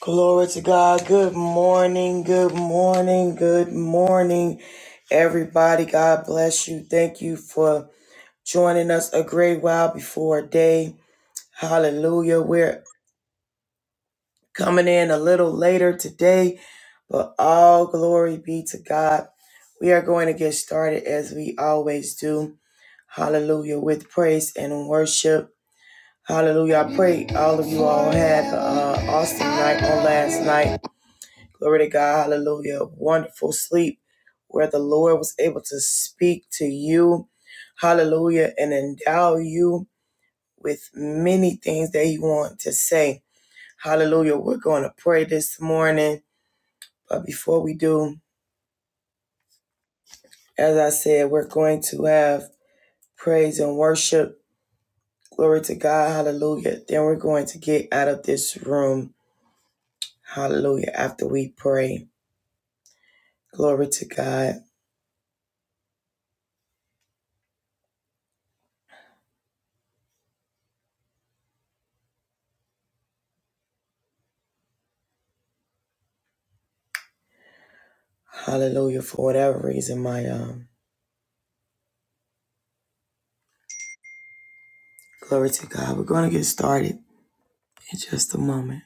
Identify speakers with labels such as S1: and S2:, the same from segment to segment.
S1: Glory to God. Good morning. Good morning. Good morning, everybody. God bless you. Thank you for joining us a great while before day. Hallelujah. We're coming in a little later today, but all glory be to God. We are going to get started as we always do. Hallelujah. With praise and worship. Hallelujah. I pray all of you all had an awesome night on last night. Glory to God. Hallelujah. Wonderful sleep where the Lord was able to speak to you. Hallelujah. And endow you with many things that you want to say. Hallelujah. We're going to pray this morning. But before we do, as I said, we're going to have praise and worship. Glory to God. Hallelujah. Then we're going to get out of this room. Hallelujah. After we pray. Glory to God. Hallelujah. For whatever reason, my um Glory to God. We're going to get started in just a moment.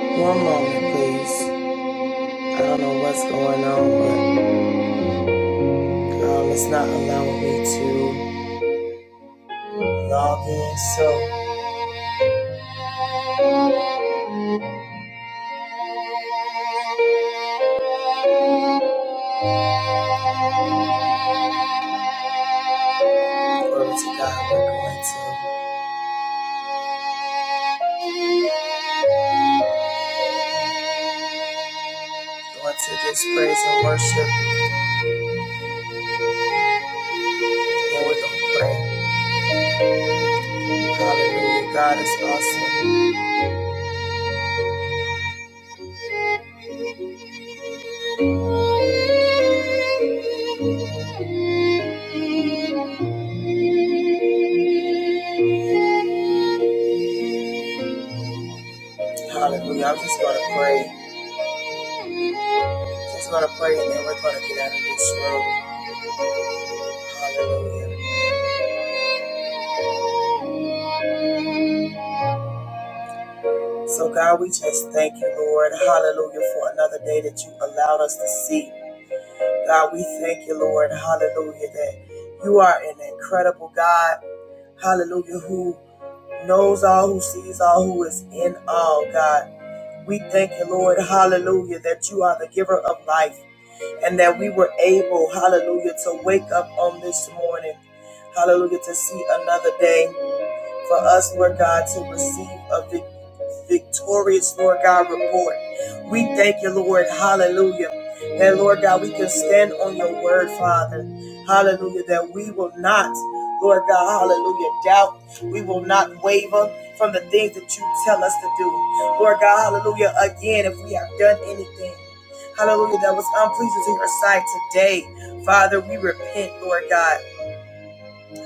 S1: One moment, please. I don't know what's going on, but um, it's not allowing me to log in. So, glory to God. We're going to go into this praise and worship, and we're going to pray. Hallelujah. God is awesome. Hallelujah. I'm just going to pray. Just going to pray and then we're going to get out of this room. Hallelujah. So, God, we just thank you, Lord. Hallelujah, for another day that you allowed us to see. God, we thank you, Lord. Hallelujah, that you are an incredible God. Hallelujah, who knows all, who sees all, who is in all, God. We thank you, Lord. Hallelujah, that you are the giver of life and that we were able, hallelujah, to wake up on this morning. Hallelujah, to see another day for us, Lord God, to receive a vic- victorious, Lord God, report. We thank you, Lord. Hallelujah. And Lord God, we can stand on your word, Father. Hallelujah. That we will not, Lord God, hallelujah, doubt. We will not waver from the things that you tell us to do. Lord God, hallelujah. Again, if we have done anything, hallelujah, that was unpleasing to your sight today, Father, we repent, Lord God.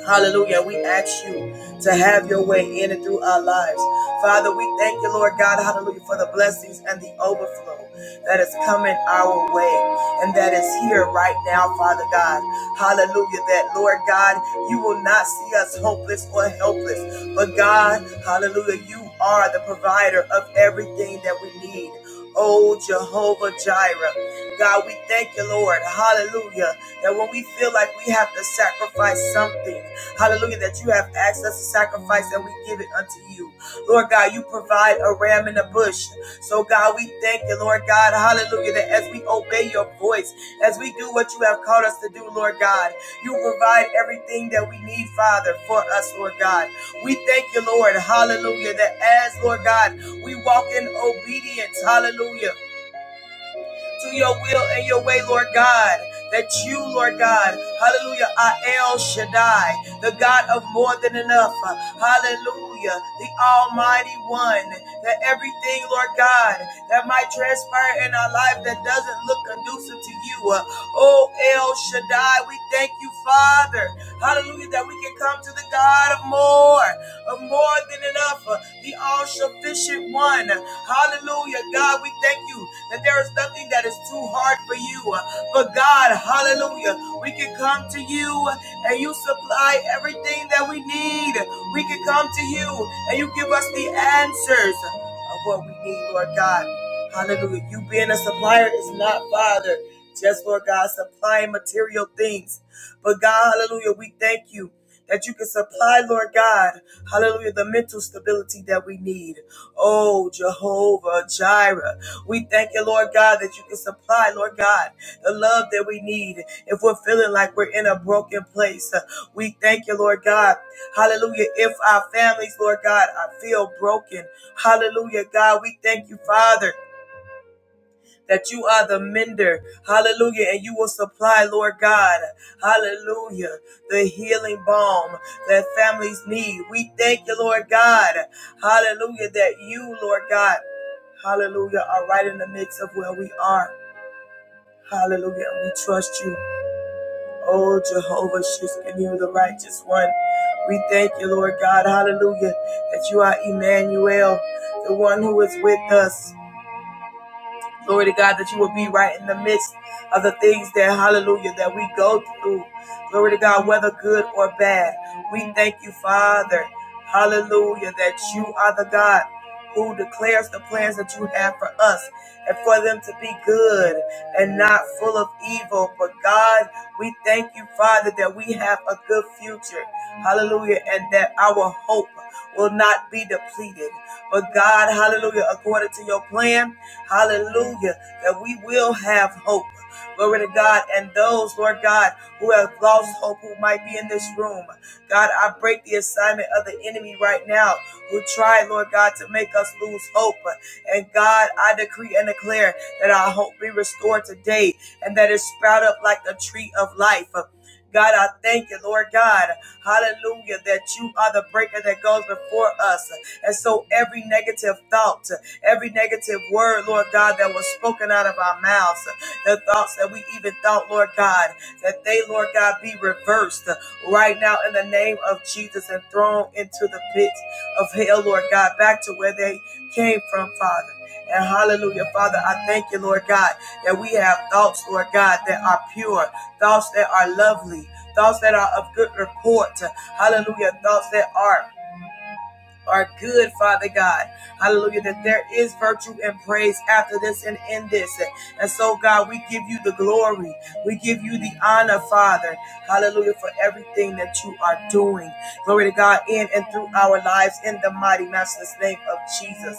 S1: Hallelujah. We ask you to have your way in and through our lives. Father, we thank you, Lord God, hallelujah, for the blessings and the overflow that is coming our way and that is here right now, Father God. Hallelujah. That, Lord God, you will not see us hopeless or helpless, but God, hallelujah, you are the provider of everything that we need. Oh, Jehovah Jireh. God, we thank you, Lord. Hallelujah. That when we feel like we have to sacrifice something, Hallelujah, that you have asked us to sacrifice and we give it unto you. Lord God, you provide a ram in a bush. So, God, we thank you, Lord God. Hallelujah, that as we obey your voice, as we do what you have called us to do, Lord God, you provide everything that we need, Father, for us, Lord God. We thank you, Lord. Hallelujah, that as, Lord God, we walk in obedience. Hallelujah to your will and your way, Lord God. That you, Lord God, hallelujah, are El Shaddai, the God of more than enough, hallelujah, the Almighty One, that everything, Lord God, that might transpire in our life that doesn't look conducive to you, uh, oh El Shaddai, we thank you, Father, hallelujah, that we can come to the God of more, of more than enough, uh, the all sufficient one, Hallelujah. God, we thank you that there is nothing that is too hard for you. For God, hallelujah, we can come to you and you supply everything that we need. We can come to you and you give us the answers of what we need, Lord God. Hallelujah. You being a supplier is not, Father, just Lord God, supplying material things. But God, hallelujah, we thank you that you can supply, Lord God, hallelujah, the mental stability that we need. Oh, Jehovah Jireh. We thank you, Lord God, that you can supply, Lord God, the love that we need if we're feeling like we're in a broken place. Uh, We thank you, Lord God. Hallelujah. If our families, Lord God, I feel broken. Hallelujah, God. We thank you, Father that you are the mender. Hallelujah. And you will supply, Lord God. Hallelujah. The healing balm that families need. We thank you, Lord God. Hallelujah. That you, Lord God, hallelujah, are right in the midst of where we are. Hallelujah. And we trust you. Oh, Jehovah Shishkin, the righteous one. We thank you, Lord God. Hallelujah. That you are Emmanuel, the one who is with us. Glory to God that you will be right in the midst of the things that, hallelujah, that we go through. Glory to God, whether good or bad. We thank you, Father, hallelujah, that you are the God who declares the plans that you have for us and for them to be good and not full of evil. But God, we thank you, Father, that we have a good future. Hallelujah. And that our hope will not be depleted. But God, hallelujah, according to your plan. Hallelujah. That we will have hope. Glory to God. And those, Lord God, who have lost hope, who might be in this room. God, I break the assignment of the enemy right now who tried, Lord God, to make us lose hope. And God, I decree and declare that our hope be restored today and that it sprout up like the tree of life. God, I thank you, Lord God. Hallelujah, that you are the breaker that goes before us. And so every negative thought, every negative word, Lord God, that was spoken out of our mouths, the thoughts that we even thought, Lord God, that they, Lord God, be reversed right now in the name of Jesus and thrown into the pit of hell, Lord God, back to where they came from, Father. And hallelujah, Father, I thank you, Lord God, that we have thoughts, Lord God, that are pure, thoughts that are lovely, thoughts that are of good report, hallelujah, thoughts that are are good, Father God. Hallelujah. That there is virtue and praise after this and in this. And so, God, we give you the glory. We give you the honor, Father. Hallelujah. For everything that you are doing. Glory to God in and through our lives in the mighty matchless name of Jesus.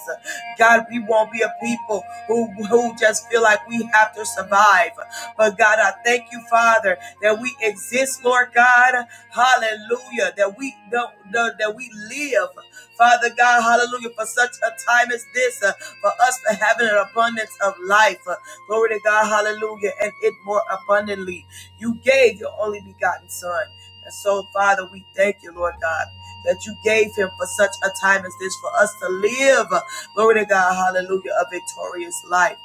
S1: God, we won't be a people who, who just feel like we have to survive. But God, I thank you, Father, that we exist, Lord God. Hallelujah. That we don't that we live. Father God, hallelujah, for such a time as this, uh, for us to have an abundance of life. Uh, glory to God, hallelujah, and it more abundantly. You gave your only begotten Son. And so, Father, we thank you, Lord God, that you gave him for such a time as this, for us to live, uh, glory to God, hallelujah, a victorious life,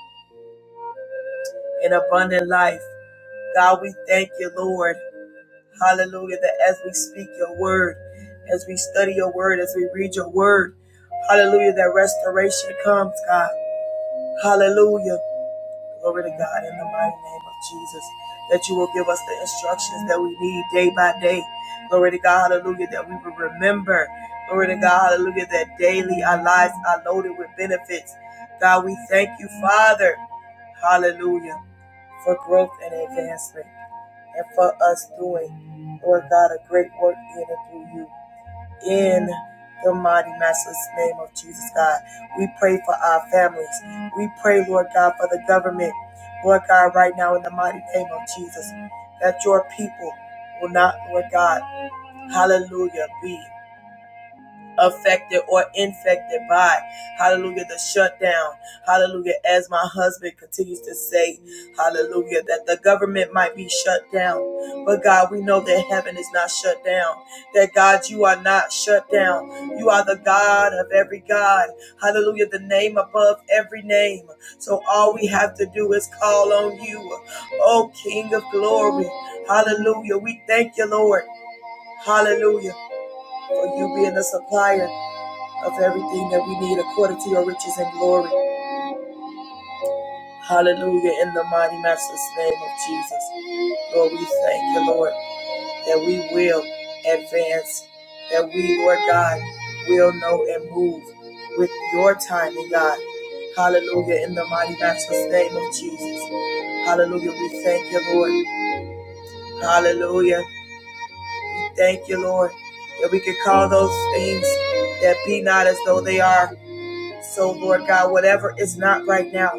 S1: an abundant life. God, we thank you, Lord. Hallelujah. That as we speak your word, as we study your word, as we read your word, hallelujah, that restoration comes, God. Hallelujah. Glory to God in the mighty name of Jesus. That you will give us the instructions that we need day by day. Glory to God, hallelujah, that we will remember. Glory to God, hallelujah, that daily our lives are loaded with benefits. God, we thank you, Father. Hallelujah for growth and advancement and for us doing, Lord God, a great work in and through you. In the mighty Master's name of Jesus, God, we pray for our families. We pray, Lord God, for the government. Lord God, right now in the mighty name of Jesus, that your people will not, Lord God, hallelujah, be affected or infected by hallelujah the shutdown hallelujah as my husband continues to say hallelujah that the government might be shut down but god we know that heaven is not shut down that god you are not shut down you are the god of every god hallelujah the name above every name so all we have to do is call on you oh king of glory hallelujah we thank you lord hallelujah for you being a supplier of everything that we need according to your riches and glory. Hallelujah. In the mighty master's name of Jesus. Lord, we thank you, Lord, that we will advance, that we, Lord God, will know and move with your timing, God. Hallelujah. In the mighty master's name of Jesus. Hallelujah. We thank you, Lord. Hallelujah. We thank you, Lord, that we can call those things that be not as though they are So, Lord God, whatever is not right now,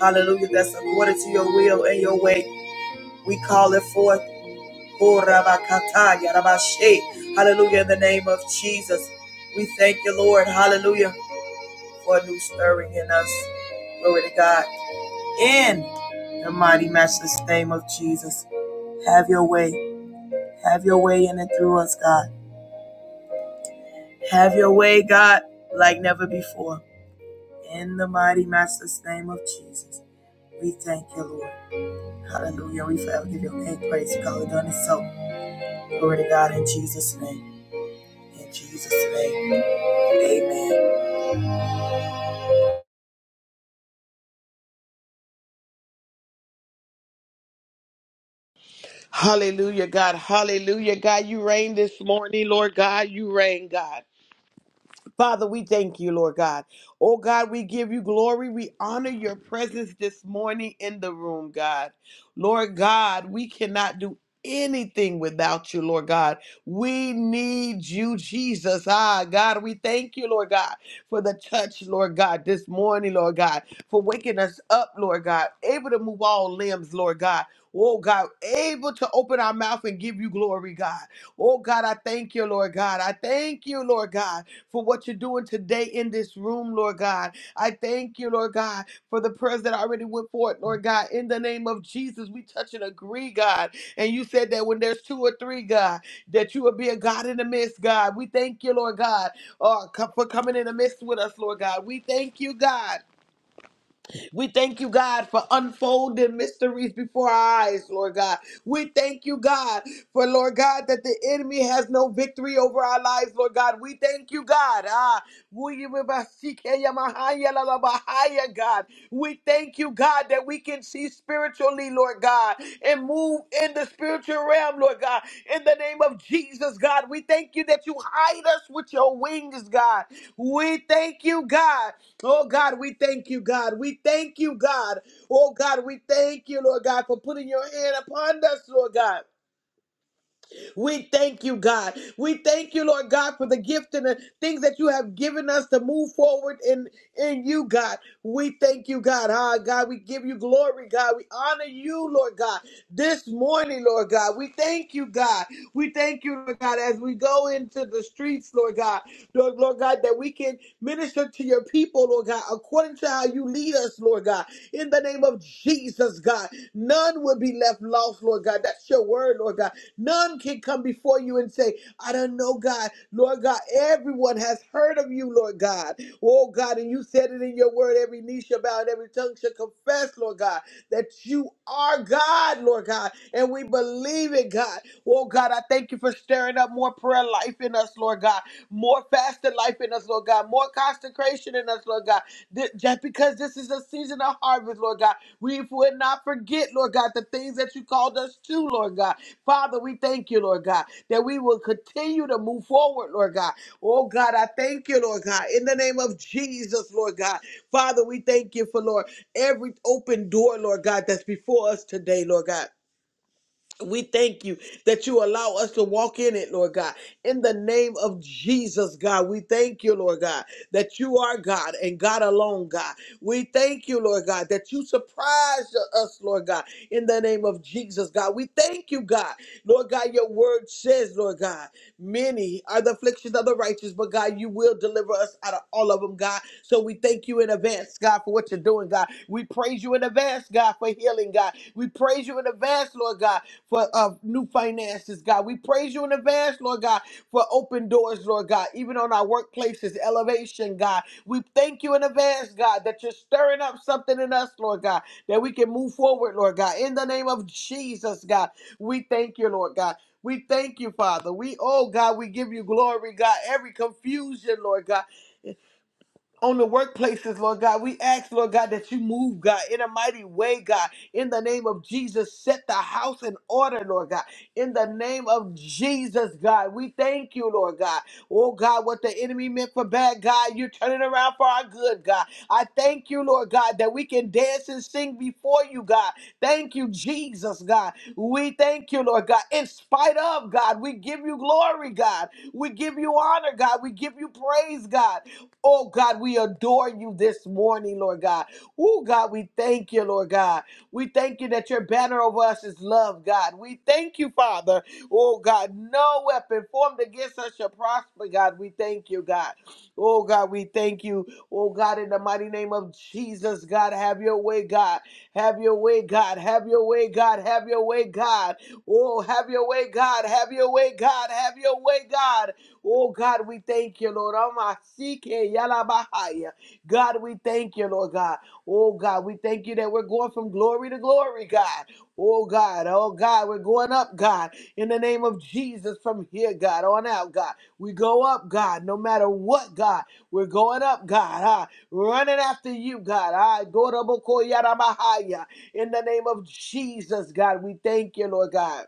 S1: hallelujah, that's according to your will and your way, we call it forth. Oh, Rabakata, Yarabashe. Hallelujah, in the name of Jesus. We thank you, Lord, hallelujah, for a new stirring in us. Glory to God. In the mighty, matchless name of Jesus. Have your way. Have your way in and through us, God. Have your way, God, like never before. In the mighty, matchless name of Jesus. We thank you, Lord. Hallelujah. We forever give your name praise. You call it done and so. Glory to God in Jesus' name. In Jesus' name. Amen.
S2: Hallelujah, God. Hallelujah, God. You reign this morning, Lord God. You reign, God. Father, we thank you, Lord God. Oh God, we give you glory. We honor your presence this morning in the room, God. Lord God, we cannot do anything without you, Lord God. We need you, Jesus. Ah, God, we thank you, Lord God, for the touch, Lord God, this morning, Lord God, for waking us up, Lord God, able to move all limbs, Lord God. Oh God, able to open our mouth and give you glory, God. Oh God, I thank you, Lord God. I thank you, Lord God for what you're doing today in this room, Lord God. I thank you, Lord God, for the prayers that already went forth, Lord God. In the name of Jesus, we touch and agree, God. And you said that when there's two or three, God, that you will be a God in the midst, God. We thank you, Lord God, uh, co- for coming in the midst with us, Lord God. We thank you, God. We thank you, God, for unfolding mysteries before our eyes, Lord God. We thank you, God, for Lord God, that the enemy has no victory over our lives, Lord God. We thank you, God. Ah, we- we- ba- seek- eh, ya- ma- ha- ya- la- la- ba- ha- ya, God. We thank you, God, that we can see spiritually, Lord God, and move in the spiritual realm, Lord God. In the name of Jesus, God, we thank you that you hide us with your wings, God. We thank you, God. Oh, God, we thank you, God. We thank you, God. Oh, God, we thank you, Lord God, for putting your hand upon us, Lord God. We thank you, God. We thank you, Lord God, for the gift and the things that you have given us to move forward in, in you, God. We thank you, God. Ah, God, we give you glory, God. We honor you, Lord God, this morning, Lord God. We thank you, God. We thank you, Lord God, as we go into the streets, Lord God. Lord, Lord God, that we can minister to your people, Lord God, according to how you lead us, Lord God. In the name of Jesus, God, none will be left lost, Lord God. That's your word, Lord God. None can come before you and say, I don't know, God. Lord God, everyone has heard of you, Lord God. Oh, God, and you said it in your word every knee shall bow and every tongue shall confess, Lord God, that you are God, Lord God. And we believe it, God. Oh, God, I thank you for stirring up more prayer life in us, Lord God. More fasted life in us, Lord God. More consecration in us, Lord God. Th- Just because this is a season of harvest, Lord God, we would not forget, Lord God, the things that you called us to, Lord God. Father, we thank you, Lord God, that we will continue to move forward, Lord God. Oh God, I thank you, Lord God, in the name of Jesus, Lord God. Father, we thank you for, Lord, every open door, Lord God, that's before us today, Lord God. We thank you that you allow us to walk in it, Lord God. In the name of Jesus, God, we thank you, Lord God, that you are God and God alone, God. We thank you, Lord God, that you surprised us, Lord God, in the name of Jesus, God. We thank you, God. Lord God, your word says, Lord God, many are the afflictions of the righteous, but God, you will deliver us out of all of them, God. So we thank you in advance, God, for what you're doing, God. We praise you in advance, God, for healing, God. We praise you in advance, Lord God, for uh, new finances, God. We praise you in advance, Lord God, for open doors, Lord God, even on our workplaces, elevation, God. We thank you in advance, God, that you're stirring up something in us, Lord God, that we can move forward, Lord God. In the name of Jesus, God, we thank you, Lord God. We thank you, Father. We, oh God, we give you glory, God. Every confusion, Lord God on the workplaces, Lord God. We ask, Lord God, that you move, God, in a mighty way, God. In the name of Jesus, set the house in order, Lord God. In the name of Jesus, God, we thank you, Lord God. Oh, God, what the enemy meant for bad, God, you're turning around for our good, God. I thank you, Lord God, that we can dance and sing before you, God. Thank you, Jesus, God. We thank you, Lord God. In spite of, God, we give you glory, God. We give you honor, God. We give you praise, God. Oh God, we adore you this morning, Lord God. Oh God, we thank you, Lord God. We thank you that your banner over us is love, God. We thank you, Father. Oh God, no weapon formed against us shall prosper, God. We thank you, God. Oh God, we thank you. Oh God, in the mighty name of Jesus, God, have your way, God. Have your way, God. Have your way, God. Have your way, God. Oh, have your way, God. Have your way, God. Have your way, God. Oh God, we thank you, Lord. Amasike yalabahaya. God, we thank you, Lord God. Oh God, we thank you that we're going from glory to glory, God. Oh God, oh God, we're going up, God, in the name of Jesus from here, God, on out, God. We go up, God, no matter what, God. We're going up, God, ah, running after you, God. Ah, go to Bokoyarabahaya. in the name of Jesus, God. We thank you, Lord God.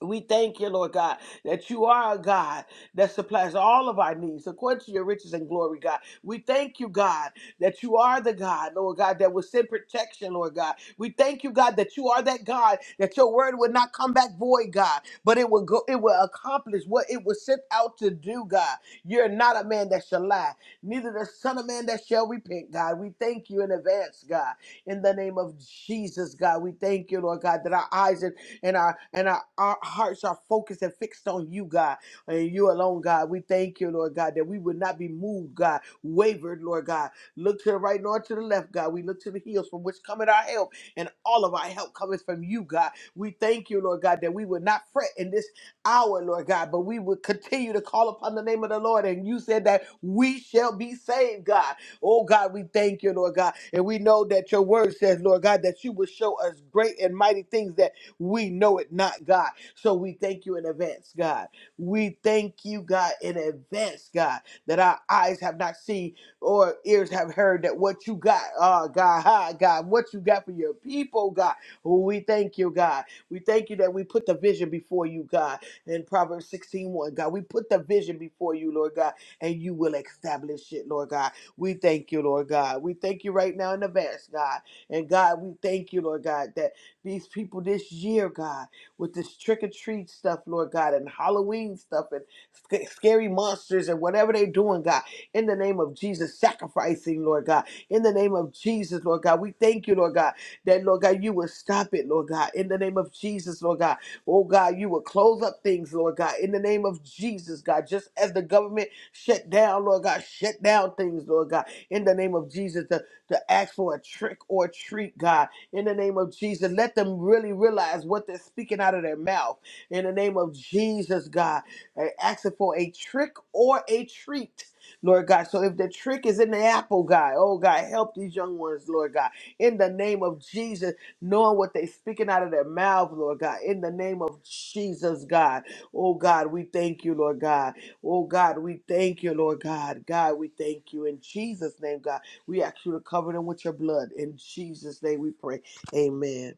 S2: We thank you, Lord God, that you are a God that supplies all of our needs according to your riches and glory, God. We thank you, God, that you are the God, Lord God, that will send protection, Lord God. We thank you, God, that you are that God, that your word would not come back void, God, but it will go, it will accomplish what it was sent out to do, God. You're not a man that shall lie, neither the son of man that shall repent, God. We thank you in advance, God. In the name of Jesus, God, we thank you, Lord God, that our eyes are and our and our, our hearts are focused and fixed on you, God, and you alone, God. We thank you, Lord God, that we would not be moved, God, wavered, Lord God. Look to the right nor to the left, God. We look to the hills from which cometh our help, and all of our help cometh from you, God. We thank you, Lord God, that we would not fret in this hour, Lord God, but we would continue to call upon the name of the Lord. And you said that we shall be saved, God. Oh God, we thank you, Lord God. And we know that your word says, Lord God, that you will show us great and mighty things that we know it not, God. So we thank you in advance, God. We thank you, God, in advance, God, that our eyes have not seen or ears have heard that what you got, oh God, hi, God, what you got for your people, God. Oh, We thank you, God. We thank you that we put the vision before you, God. In Proverbs sixteen one, God, we put the vision before you, Lord God, and you will establish it, Lord God. We thank you, Lord God. We thank you right now in advance, God. And God, we thank you, Lord God, that these people this year, God, with this trick or treat stuff, Lord God, and Halloween stuff and sc- scary monsters and whatever they're doing, God, in the name of Jesus, sacrificing, Lord God, in the name of Jesus, Lord God. We thank you, Lord God, that, Lord God, you will stop it, Lord God, in the name of Jesus, Lord God. Oh, God, you will close up things, Lord God, in the name of Jesus, God, just as the government shut down, Lord God, shut down things, Lord God, in the name of Jesus, to, to ask for a trick or treat, God in the name of Jesus. Let them really realize what they're speaking out of their mouth in the name of Jesus, God. I ask it for a trick or a treat. Lord God. So if the trick is in the apple, God, oh God, help these young ones, Lord God. In the name of Jesus, knowing what they are speaking out of their mouth, Lord God. In the name of Jesus, God. Oh God, we thank you, Lord God. Oh God, we thank you, Lord God. God, we thank you. In Jesus' name, God, we ask you to cover them with your blood. In Jesus' name we pray. Amen.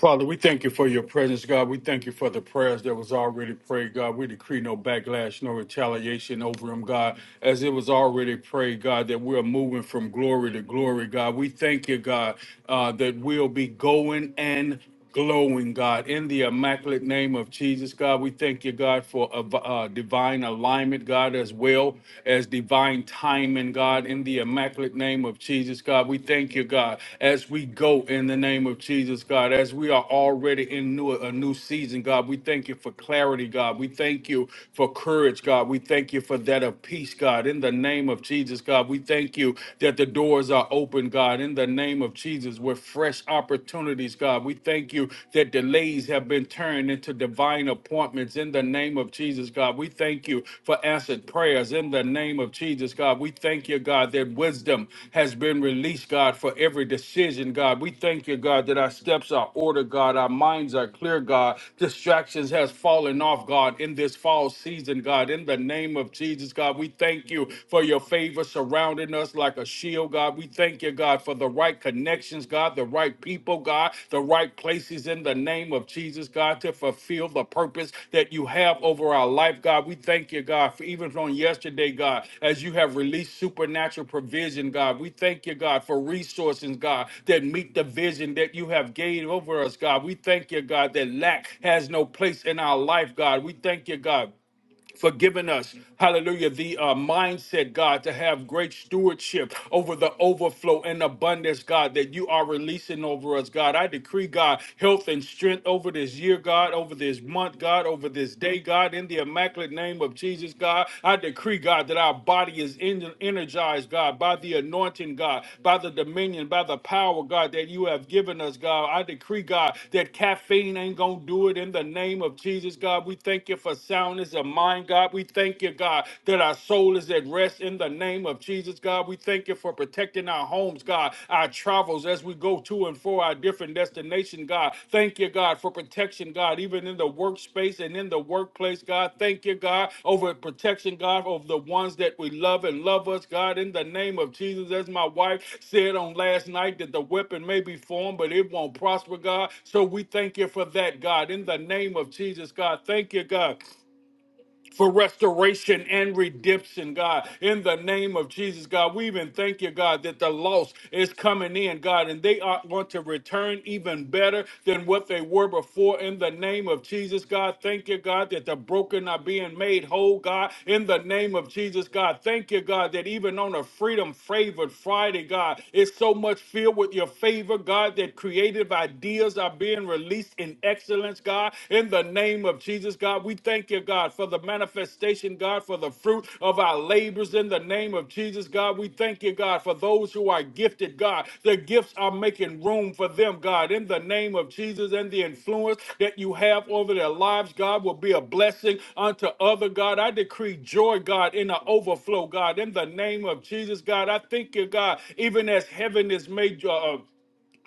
S3: Father, we thank you for your presence, God. We thank you for the prayers that was already prayed, God. We decree no backlash, no retaliation over them, God, as it was already prayed, God, that we're moving from glory to glory, God. We thank you, God, uh, that we'll be going and glowing, God, in the immaculate name of Jesus, God. We thank you, God, for a v- uh, divine alignment, God, as well as divine timing, God, in the immaculate name of Jesus, God. We thank you, God, as we go in the name of Jesus, God, as we are already in new, a new season, God. We thank you for clarity, God. We thank you for courage, God. We thank you for that of peace, God, in the name of Jesus, God. We thank you that the doors are open, God in the name of Jesus, with fresh opportunities, God. We thank you that delays have been turned into divine appointments in the name of Jesus, God. We thank you for answered prayers in the name of Jesus, God. We thank you, God, that wisdom has been released, God, for every decision, God. We thank you, God, that our steps are ordered, God. Our minds are clear, God. Distractions has fallen off, God, in this fall season, God. In the name of Jesus, God, we thank you for your your favor surrounding us like a shield, God. We thank you, God, for the right connections, God, the right people, God, the right places in the name of Jesus, God, to fulfill the purpose that you have over our life, God. We thank you, God, for even on yesterday, God, as you have released supernatural provision, God. We thank you, God, for resources, God, that meet the vision that you have gave over us, God. We thank you, God, that lack has no place in our life, God. We thank you, God for giving us, hallelujah, the uh, mindset, God, to have great stewardship over the overflow and abundance, God, that you are releasing over us, God. I decree, God, health and strength over this year, God, over this month, God, over this day, God, in the immaculate name of Jesus, God. I decree, God, that our body is en- energized, God, by the anointing, God, by the dominion, by the power, God, that you have given us, God. I decree, God, that caffeine ain't going to do it in the name of Jesus, God. We thank you for soundness presence of mind, God. We thank you, God, that our soul is at rest in the name of Jesus, God. We thank you for protecting our homes, God, our travels as we go to and for our different destination, God. Thank you, God, for protection, God, even in the workspace and in the workplace, God. Thank you, God, over protection, God, over the ones that we love and love us, God, in the name of Jesus. As my wife said on last night, that the weapon may be formed, but it won't prosper, God. So we thank you for that, God, in the name of Jesus, God. Thank you, God for restoration and redemption, God. In the name of Jesus, God, we even thank you, God, that the lost is coming in, God, and they are going to return even better than what they were before. In the name of Jesus, God, thank you, God, that the broken are being made whole, God. In the name of Jesus, God, thank you, God, that even on a freedom favored Friday, God, it's so much filled with your favor, God, that creative ideas are being released in excess excellence, God. In the name of Jesus, God, we thank you, God, for the manifestation, God, for the fruit of our labors. In the name of Jesus, God, we thank you, God, for those who are gifted, God. The gifts are making room for them, God. In the name of Jesus and the influence that you have over their lives, God, will be a blessing unto other, God. I decree joy, God, in the overflow, God. In the name of Jesus, God, I thank you, God, even as heaven is made. Uh,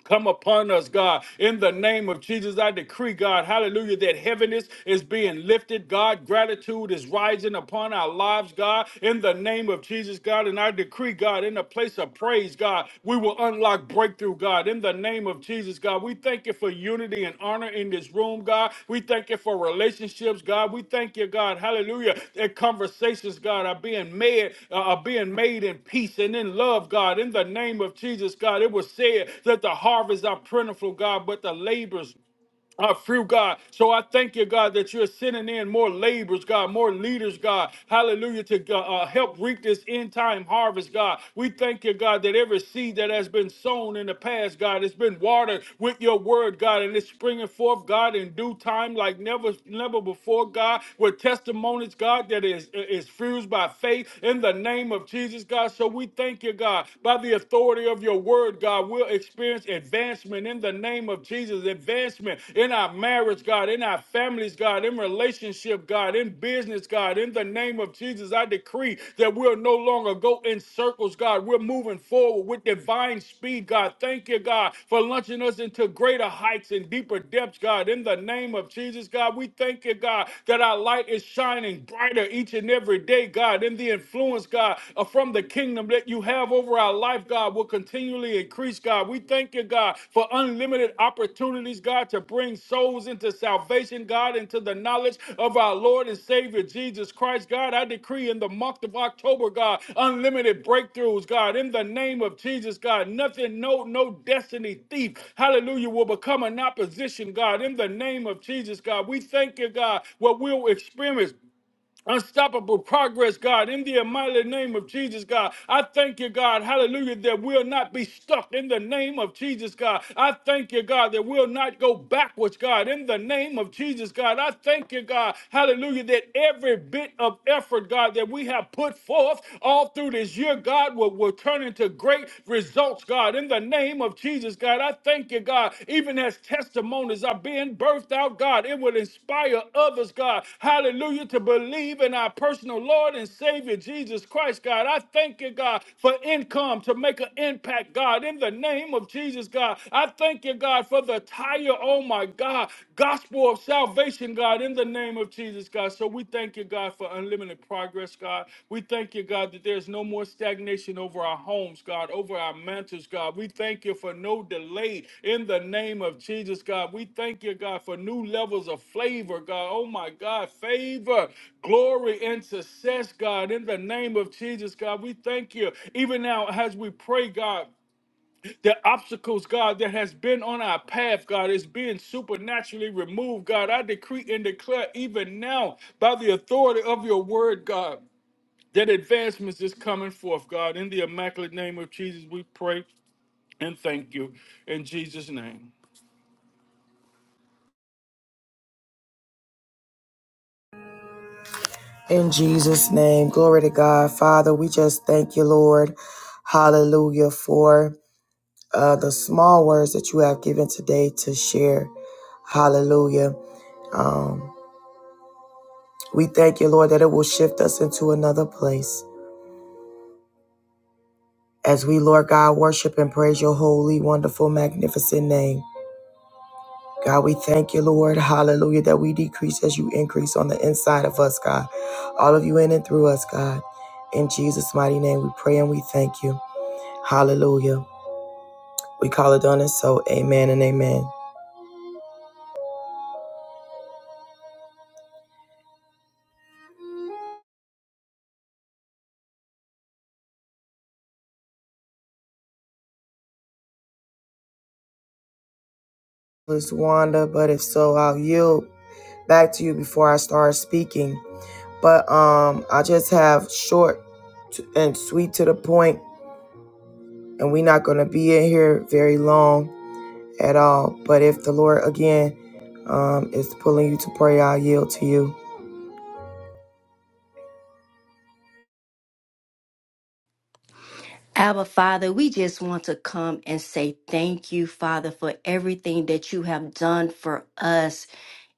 S3: Come upon us, God. In the name of Jesus, I decree, God, hallelujah, that heaviness is being lifted, God. Gratitude is rising upon our lives, God. In the name of Jesus, God. And I decree, God, in the place of praise, God, we will unlock breakthrough, God. In the name of Jesus, God, we we thank you for unity and honor in this room, God. We thank you for relationships, God. We thank you, God. Hallelujah. That conversations, God, are being made, uh, are being made in peace and in love, God. In the name of Jesus, God, it was said that the harvest are plentiful, God, but the labors are few, God. So I thank you, God, that you're sending in more laborers, God, more leaders, God. Hallelujah, to uh, uh, help reap this end time harvest, God. We thank you, God, that every seed that has been sown in the past, God, it's been watered with your word, God, and it's springing forth, God, in due time like never, never before, God, with testimonies, God, that is, is fused by faith in the name of Jesus, God. So we thank you, God, by the authority of your word, God we'll experience advancement in the name of Jesus, advancement in our marriage, God, in our families, God, in relationship, God, in business, God, in the name of Jesus. I decree that we'll no longer go in circles, God. We're moving forward with divine speed, God. Thank you, God, for launching us into greater heights and deeper depths, God. In the name of Jesus, God, we thank you, God, that our light is shining brighter each and every day, God, in the influence, God, uh, from from the kingdom that you have over our life, God, will continually increase, God. We thank you, God, for unlimited opportunities, God, to bring souls into salvation, God, into the knowledge of our Lord and Savior Jesus Christ, God. I decree in the month of October, God, unlimited breakthroughs, God, in the name of Jesus, God. Nothing, no, no destiny thief, hallelujah, will become an opposition, God, in the name of Jesus, God. We thank you, God, what we'll experience Unstoppable progress, God, in the mighty name of Jesus, God. I thank you, God, hallelujah, that we'll not be stuck in the name of Jesus, God. I thank you, God, that we'll not go backwards, God, in the name of Jesus, God. I thank you, God, hallelujah, that every bit of effort, God, that we have put forth all through this year, God, will, will turn into great results, God, in the name name of Jesus, God, I thank you, God, even as testimonies are being birthed out, God, it will inspire others, God, hallelujah, to believe in our personal Lord and Savior, Jesus Christ, God. I thank you, God, for income to make an impact, God, in the name of Jesus, God. I thank you, God, for the tire, oh my God, gospel of salvation, God, in the name of Jesus, God. So we thank you, God, for unlimited progress, God. We thank you, God, that there's no more stagnation over our homes, God, over our mantles, God. We thank you for no delay in the name of Jesus, God. We thank you, God, for new levels of flavor, God. Oh, my God, favor, glory, and success, God, in the name of Jesus, God. We thank you, even now as we pray, God the obstacles, God, that has been on our path, God, is being supernaturally removed, God. I decree and declare even now by the authority of your word, God, that advancements is coming forth, God. In the immaculate name of Jesus, we pray and thank you. In Jesus' name.
S1: In Jesus' name. Glory to God. Father, we just thank you, Lord. Hallelujah for uh, the small words that you have given today to share. Hallelujah. Um, we thank you, Lord, that it will shift us into another place. As we, Lord God, worship and praise your holy, wonderful, magnificent name. God, we thank you, Lord. Hallelujah, that we decrease as you increase on the inside of us, God. All of you in and through us, God. In Jesus' mighty name, we pray and we thank you. Hallelujah. We call it done and so. Amen and amen. Miss Wanda, but if so, I'll yield back to you before I start speaking. But um, I just have short t- and sweet to the point, and we're not going to be in here very long at all. But if the Lord again um, is pulling you to pray, I'll yield to you.
S4: Abba, Father, we just want to come and say thank you, Father, for everything that you have done for us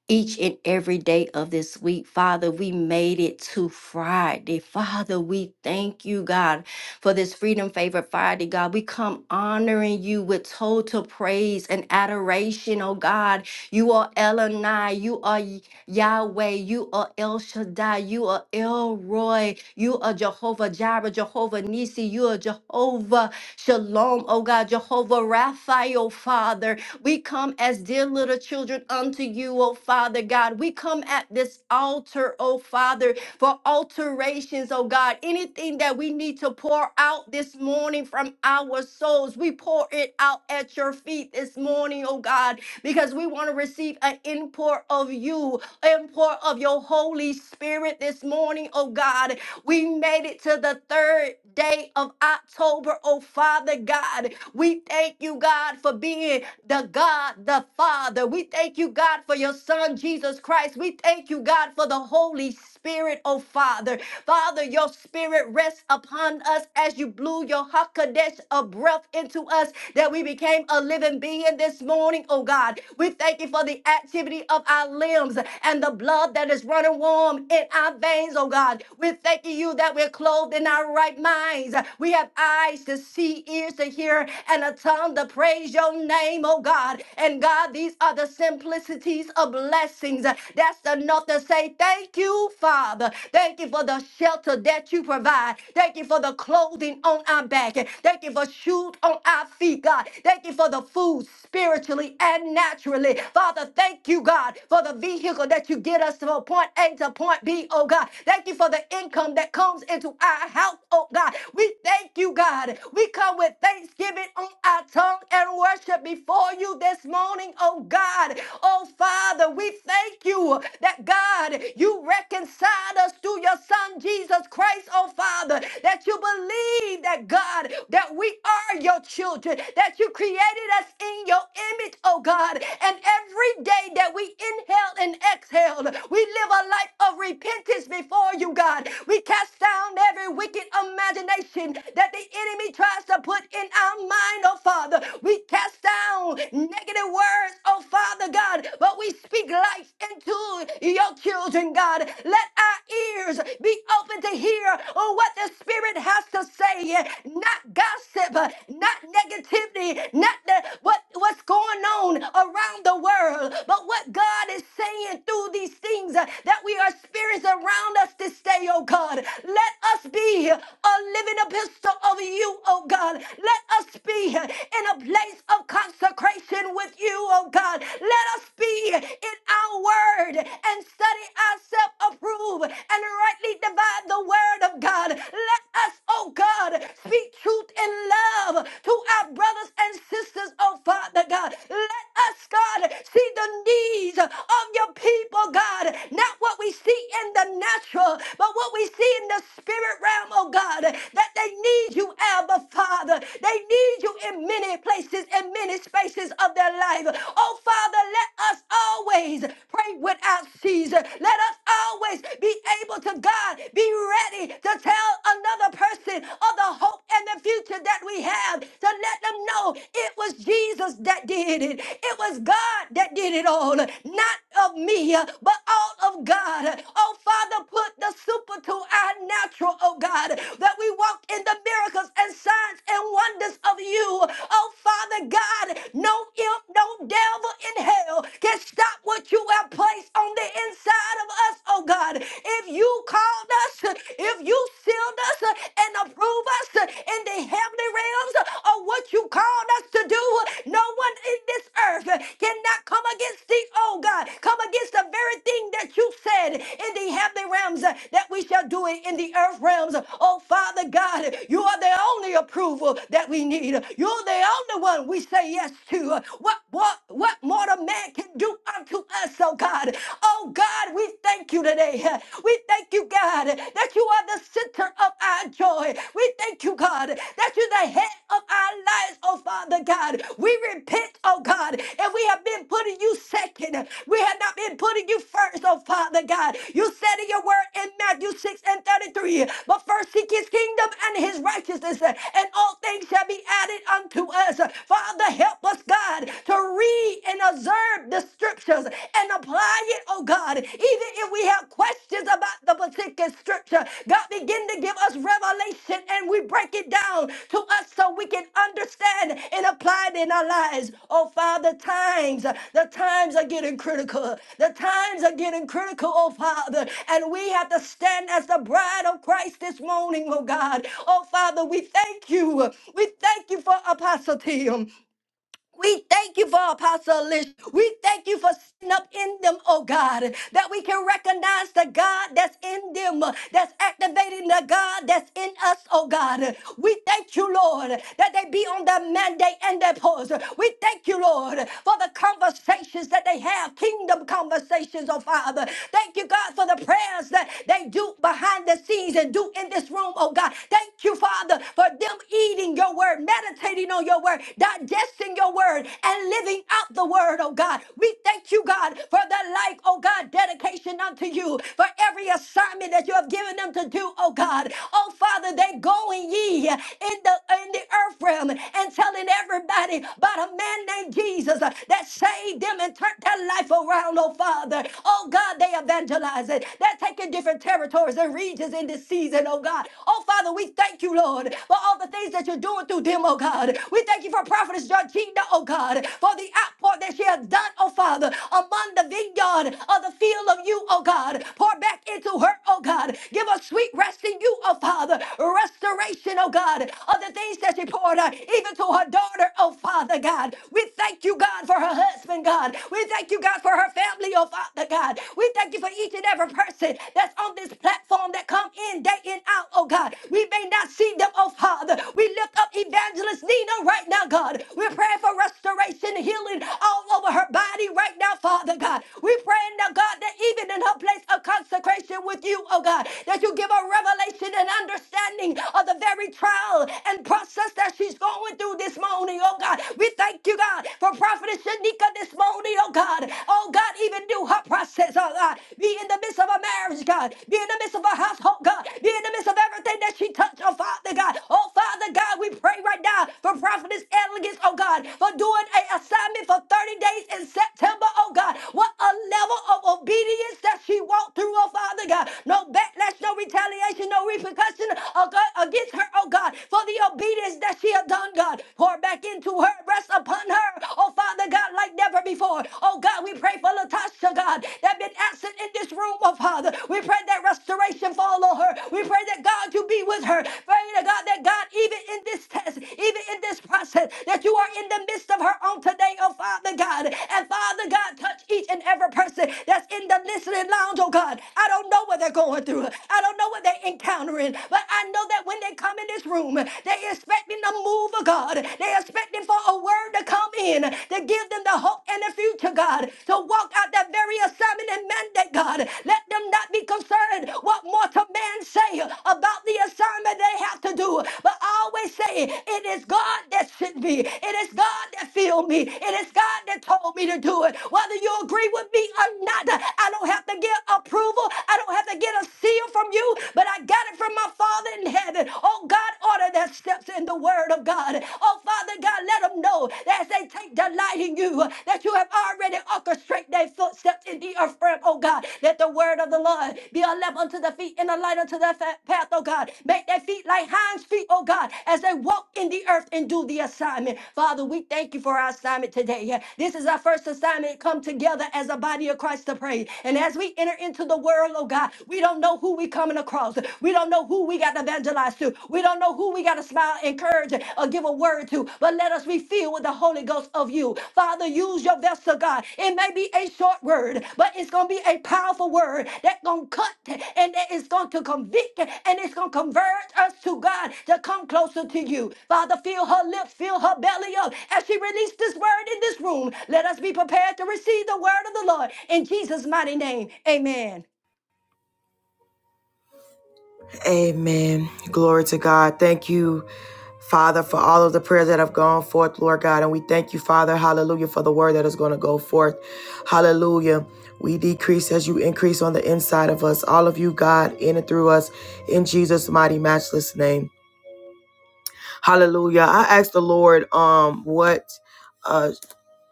S4: each and every day of this week. Father, we made it to Friday. Father, we thank you, God, for this Freedom Favor Friday, God. We come honoring you with total praise and adoration, oh God. You are Elonai, you are Y- Yahweh, you are El Shaddai, you are Elroy, you are Jehovah Jireh, Jehovah Nisi, you are Jehovah Shalom, oh God, Jehovah Raphael, Father. We come as dear little children unto you, O Father God. We come at this altar, O Father, for alterations, O God. Anything that we need to pour out this morning from our souls, we pour it out at your feet this morning, O God, because we want to receive an import of you, import of your Holy Spirit this morning, O God. We made it to the third day of October, oh Father God. We thank you, God, for being the God, the Father. We thank you, God, for your Son, Jesus Christ. We thank you, God, for the Holy Spirit, oh Father. Father, your Spirit rests upon us as you blew your Hakadesh of breath into us that we became a living being this morning, oh God. We thank you for the activity of our limbs and the blood that is running warm in our veins, oh God. We thank you that we're clothed in our right minds. We have eyes to see, ears to hear, and a tongue to praise your name name, oh God. And God, these are the simplicities of blessings. That's enough to say thank you, Father. Thank you for the shelter that you provide. Thank you for the clothing on our back. Thank you for shoes on our feet, God. Thank you for the food spiritually and naturally. Father, thank you, God, for the vehicle that you get us from point A to point B, oh God. Thank you for the income that comes into our house, oh God. We thank you, God. We come with thanksgiving on our tongue and worship before before you this morning, oh God. Oh Father, we thank you that God, you reconciled us through your Son Jesus Christ, oh Father, that you believe that God, that we are your children, that you created us in your image, oh God. And every day that we inhaled and exhaled, we live a life of repentance before you, God. We cast down every wicked imagination that the enemy tries to put in our mind, oh Father. We cast down down negative words, oh Father God, but we speak life into your children, God. Let our ears be open to hear oh, what the Spirit has to say, not gossip, not negativity, not the, what, what's going on around the world, but what God is saying through these things uh, that we are experiencing around us this day, oh God. Let us be a living epistle of you, oh God. Let us be in a place of consecration consecration with you, oh God. Let us be in our word and study ourselves, approve, and rightly divide the word of God. Let us, oh God, speak truth in love to our brothers and sisters, oh Father God. Let us, God, see the needs of your people, God. Not what we see in the natural, but what we see in the spirit realm, oh God, that they need you, Abba Father. They need you in many places and many many spaces of their life. Oh, Father, let us always pray without ceasing. Let us always be able to, God, be ready to tell another person of the hope and the future that we have, to let them know it was Jesus that did it. It was God that did it all, not of me, but all of God. Oh, Father, put the super to our natural, oh God, that we walk in the miracles and signs signs and wonders of you. Oh, Father God, no imp, no devil in hell can stop what you have placed on the inside of us, oh God. If you called us, if you sealed us and approved us in the heavenly realms of what you called us to do, no one in this earth cannot come against thee, oh God. Come against the very thing that you said in the heavenly realms uh, that we shall do it in the earth realms. Oh, Father God, you are the only approval that we need. You're the only one we say yes to. What, what, what more a man can do unto us, oh God. Oh God, we thank you today. We thank you, God, that you are the center of our joy. We thank you, God, that you're the head of our our lives, oh Father God. We repent, oh God, and we have been putting you second. We have not been putting you first, oh Father God. You said in your word in Matthew 6 and 33, but first seek his kingdom and his righteousness, and all things shall be added unto us. Father, help us, God, to read and observe the scriptures and apply it, oh God. Even if we have questions about the particular scripture, God begin to give us revelation and we break it down to us so we can understand and apply it in our lives. Oh Father, times, the times are getting critical. The times are getting critical, oh Father. And we have to stand as the bride of Christ this morning, oh God. Oh Father, we thank you. We thank you for Apostle Tim. We thank you for Apostle Alicia. We thank you for sitting up in them, oh God, that we can recognize the God that's in them, uh, that's activating the God that's in us, oh God. We thank you, Lord, that they be on their mandate and their pause. We thank you, Lord, for the conversations that they have, kingdom conversations, oh Father. Thank you, God, for the prayers that they do behind the scenes and do in this room, oh God. Thank you, Father, for them eating your word your word, meditating on your word, digesting your word, and living out the word, oh God. We thank you, God, for the life, oh God, dedication unto you, for every assignment that you have given them to do, oh God. Oh Father, they going ye in the in the earth realm and telling everybody about a man named Jesus uh, that saved them and turned their life around, oh Father. Oh God, they evangelize it. They're taking different territories and regions in this season, oh God. oh. Oh, Father, we thank you, Lord, for all the things that you're doing through them, oh God. We thank you for Prophetess Georgina, oh God, for the outpour that she has done, oh Father, among the vineyard of the field of you, oh God. Pour back into her, oh God. Give us sweet rest in you, oh Father. Restoration, oh God, of the things that she poured out, even to her daughter, oh Father God. We thank you, God, for her husband, God. We thank you, God, for her family, oh Father God. We thank you for each and every person that's on on this platform that come in day in out, oh God. We may not see them, oh Father. We lift up Evangelist Nina right now, God. We're praying for restoration and healing all over her body right now, Father God. We're praying now, God, that even in her place of consecration with you, oh God, that you give her revelation and understanding of the very trial and process that she's going through this morning, oh God. We thank you, God, for Prophetess Shanika this morning, oh God. Oh God, even do her process, oh God. Be in the midst of a marriage, God. Be in the midst of a household, God. Be in the midst of everything that she touched, oh Father God. Oh Father God, we pray right now for prophetess elegance, oh God, for doing an assignment for 30 days in September, oh God. What a level of obedience that she walked through, oh Father God. No backlash, no retaliation, no repercussion oh God, against her, oh God, for the obedience that she had done, God. Pour back into her, rest upon her, oh Father God, like never before. Oh God, we pray for Latasha, God, that been absent in this room, oh Father. We pray that restoration follow her. We pray that God, you be with her. Pray to God that God, even in this test, even in this process, that you are in the midst of her on today, oh Father God. And Father God, touch each and every person that's in the listening lounge, oh God. I don't know what they're going through. I don't know what they're encountering, but I know that when they come in this room, they expect me to move, oh God. They expect expecting for a word to come in to give them the hope and the future, God, to walk out that very assignment and mandate, God. Let them not be concerned what mortal man say about the assignment they have to do, but always say, it is God that sent me. It is God that filled me. It is God that told me to do it. Whether you agree with me or not, I don't have to get approval. I don't have to get a seal from you, but I got it from my Father in heaven. Oh, God, order that steps in the word of God. Oh, Father God, let them know that as they take delight in you, that you have already orchestrated their footsteps in the earth realm, oh God. Let the word of the Lord be a lamp unto the feet and a light unto the path, oh God. Make their feet like hinds' feet, oh God, as they walk in the earth and do the assignment. Father, we thank you for our assignment today. This is our first assignment come together as a body of Christ to pray. And as we enter into the world, oh God, we don't know who we're coming across. We don't know who we got to evangelize to. We don't know who we got to smile, encourage, or give a word to. But let us be filled with the Holy Ghost of you. Father, use your vessel, God. It may be a short word, but it's going to be a powerful word that's going to cut and that is going to convict and it's going to convert us to God to come closer to you. Father, fill her lips, fill her belly up as she released this word in this room. Let us be prepared to receive the word of the Lord in Jesus' mighty name. Amen.
S1: Amen. Glory to God. Thank you, Father, for all of the prayers that have gone forth, Lord God. And we thank you, Father, hallelujah, for the word that is going to go forth. Hallelujah. We decrease as you increase on the inside of us, all of you, God, in and through us, in Jesus' mighty, matchless name. Hallelujah. I asked the Lord um, what. uh,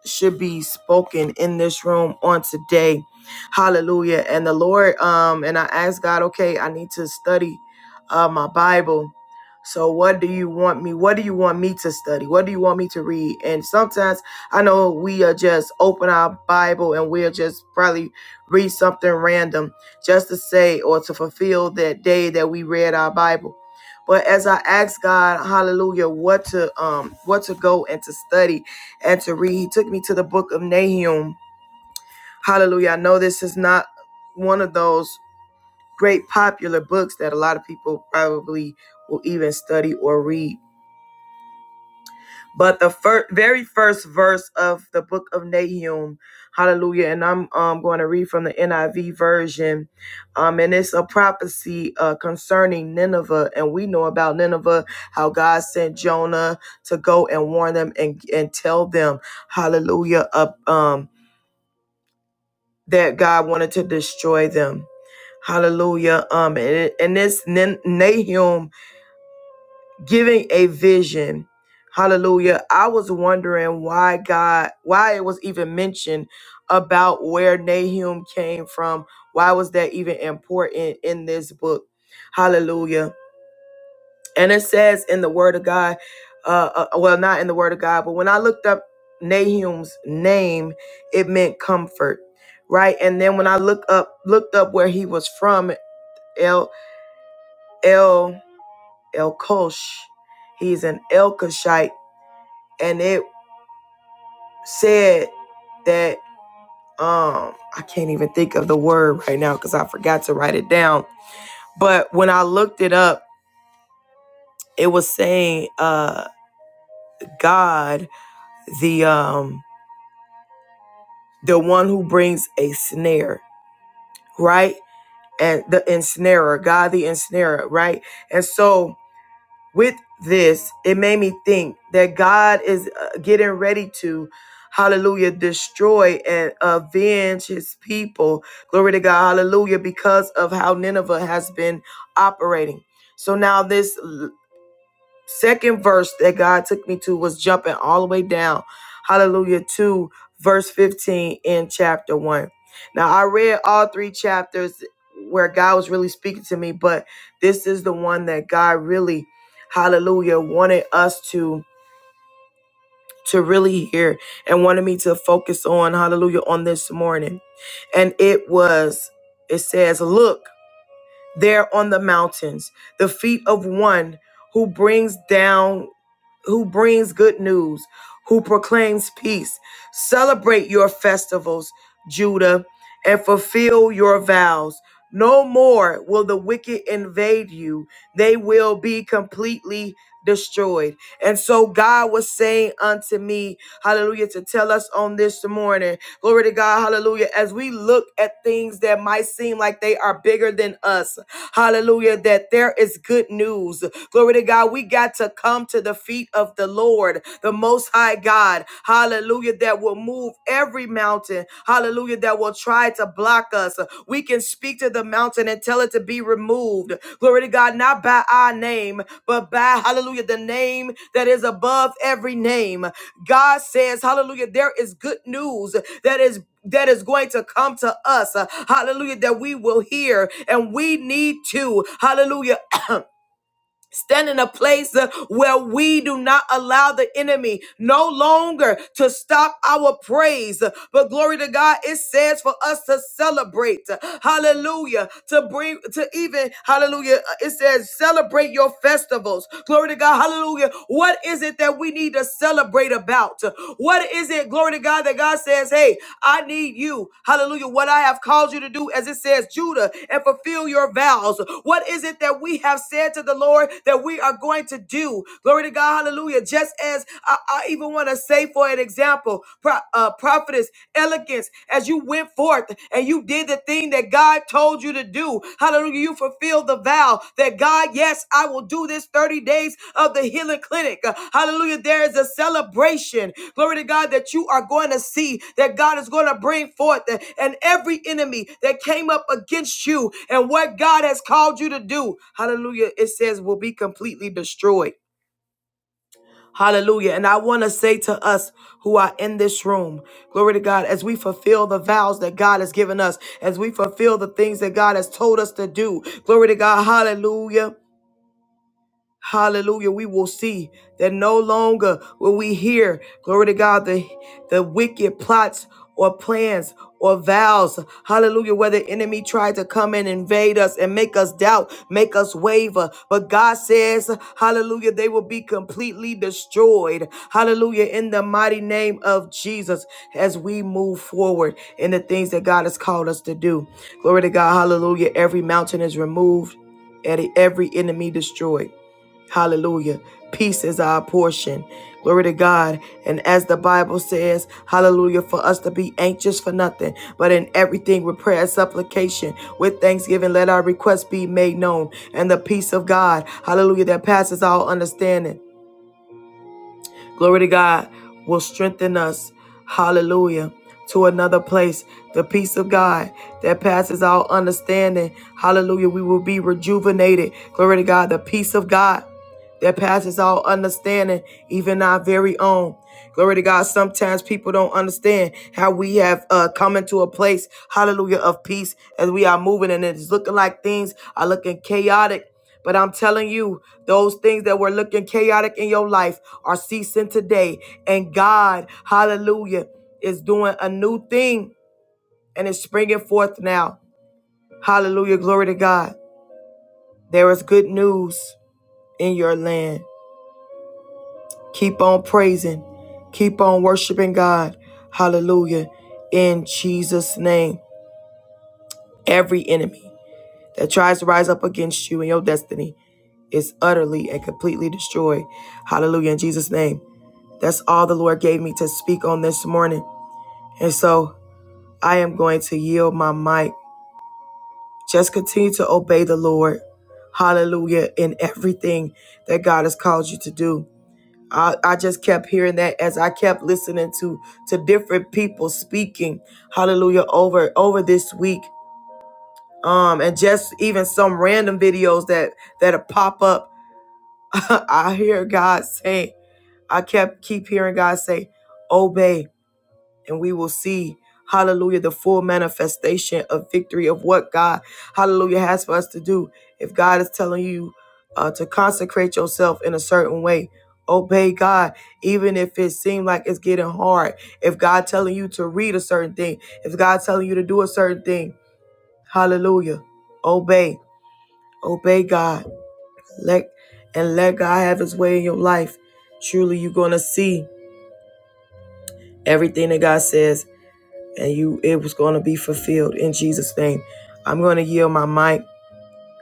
S1: should be spoken in this room on today. Hallelujah. And the Lord, um, and I asked God, okay, I need to study uh my Bible. So what do you want me? What do you want me to study? What do you want me to read? And sometimes I know we are just open our Bible and we'll just probably read something random just to say or to fulfill that day that we read our Bible. But as I asked God, hallelujah, what to um what to go and to study, and to read. He took me to the book of Nahum. Hallelujah. I know this is not one of those great popular books that a lot of people probably will even study or read. But the fir- very first verse of the book of Nahum, hallelujah, and I'm um, going to read from the NIV version. Um, and it's a prophecy uh, concerning Nineveh. And we know about Nineveh, how God sent Jonah to go and warn them and, and tell them, hallelujah, up, um, that God wanted to destroy them. Hallelujah. Um, and, and this Nen- Nahum giving a vision. Hallelujah. I was wondering why God, why it was even mentioned about where Nahum came from. Why was that even important in this book? Hallelujah. And it says in the Word of God, uh, uh, well, not in the Word of God, but when I looked up Nahum's name, it meant comfort, right? And then when I look up, looked up where he was from, El El El Kosh, he's an Elkoshite, and it said that um I can't even think of the word right now because I forgot to write it down. But when I looked it up, it was saying uh God the um the one who brings a snare, right? And the ensnarer, God the ensnarer, right? And so with this, it made me think that God is uh, getting ready to, hallelujah, destroy and avenge his people. Glory to God, hallelujah, because of how Nineveh has been operating. So now this second verse that God took me to was jumping all the way down, hallelujah, to verse 15 in chapter 1. Now, I read all three chapters where God was really speaking to me, but this is the one that God really, hallelujah, wanted us to to really hear and wanted me to focus on hallelujah on this morning and it was it says look there on the mountains the feet of one who brings down who brings good news, who proclaims peace. Celebrate your festivals, Judah, and fulfill your vows. No more will the wicked invade you. They will be completely destroyed. And so God was saying unto me, hallelujah, to tell us on this morning, glory to God, hallelujah, as we look at things that might seem like they are bigger than us, hallelujah, that there is good news. Glory to God. We got to come to the feet of the Lord, the Most High God. Hallelujah. That will move every mountain. Hallelujah. That will try to block us. We can speak to the mountain and tell it to be removed. Glory to God. Not by our name, but by, hallelujah, the name that is above every name. God says, hallelujah, there is good news that is that is going to come to us. Uh, Hallelujah, that we will hear and we need to. Hallelujah. Stand in a place uh, where we do not allow the enemy no longer to stop our praise. But glory to God, it says for us to celebrate. Hallelujah. To bring, to even, hallelujah, uh, it says celebrate your festivals. Glory to God. Hallelujah. What is it that we need to celebrate about? What is it, glory to God, that God says, hey, I need you. Hallelujah. What I have called you to do, as it says, Judah, and fulfill your vows. What is it that we have said to the Lord that we are going to do? Glory to God. Hallelujah. Just as I, I even want to say, for an example, pro, uh, prophetess elegance as you went forth and you did the thing that God told you to do. Hallelujah. You fulfilled the vow that God, yes, I will do this 30 days of the healing clinic. Uh, Hallelujah. There is a celebration. Glory to God that you are going to see that God is going to bring forth uh, and every enemy that came up against you and what God has called you to do. Hallelujah. It says will be completely destroyed. Hallelujah. And I want to say to us who are in this room, glory to God, as we fulfill the vows that God has given us, as we fulfill the things that God has told us to do, glory to God, hallelujah. Hallelujah. We will see that no longer will we hear, glory to God, the, the wicked plots or plans or vows. Hallelujah. Where the enemy tried to come and invade us and make us doubt, make us waver. But God says, hallelujah, they will be completely destroyed. Hallelujah. In the mighty name of Jesus as we move forward in the things that God has called us to do. Glory to God. Hallelujah. Every mountain is removed and every enemy destroyed. Hallelujah. Peace is our portion. Glory to God. And as the Bible says, hallelujah, for us to be anxious for nothing, but in everything with prayer and supplication, with thanksgiving, let our requests be made known. And the peace of God, hallelujah, that passes all understanding glory to God, will strengthen us. Hallelujah. To another place, the peace of God that passes all understanding. Hallelujah. We will be rejuvenated. Glory to God. The peace of God that passes all understanding, even our very own. Glory to God. Sometimes people don't understand how we have uh, come into a place, hallelujah, of peace as we are moving and it's looking like things are looking chaotic but I'm telling you, those things that were looking chaotic in your life are ceasing today. And God, hallelujah, is doing a new thing and it's springing forth now. Hallelujah, glory to God. There is good news in your land. Keep on praising, keep on worshiping God. Hallelujah, in Jesus' name. Every enemy that tries to rise up against you in your destiny is utterly and completely destroyed. Hallelujah, in Jesus' name. That's all the Lord gave me to speak on this morning. And so I am going to yield my mic. Just continue to obey the Lord. Hallelujah. In everything that God has called you to do. I, I just kept hearing that as I kept listening to to different people speaking. Hallelujah. Over over this week. Um, and just even some random videos that that pop up. I hear God say, I kept keep hearing God say, obey and we will see hallelujah the full manifestation of victory of what god hallelujah has for us to do if god is telling you uh, to consecrate yourself in a certain way obey god even if it seems like it's getting hard if god telling you to read a certain thing if god telling you to do a certain thing hallelujah obey obey god let and let god have his way in your life truly you're gonna see everything that god says and you it was going to be fulfilled in Jesus name. I'm going to yield my mic.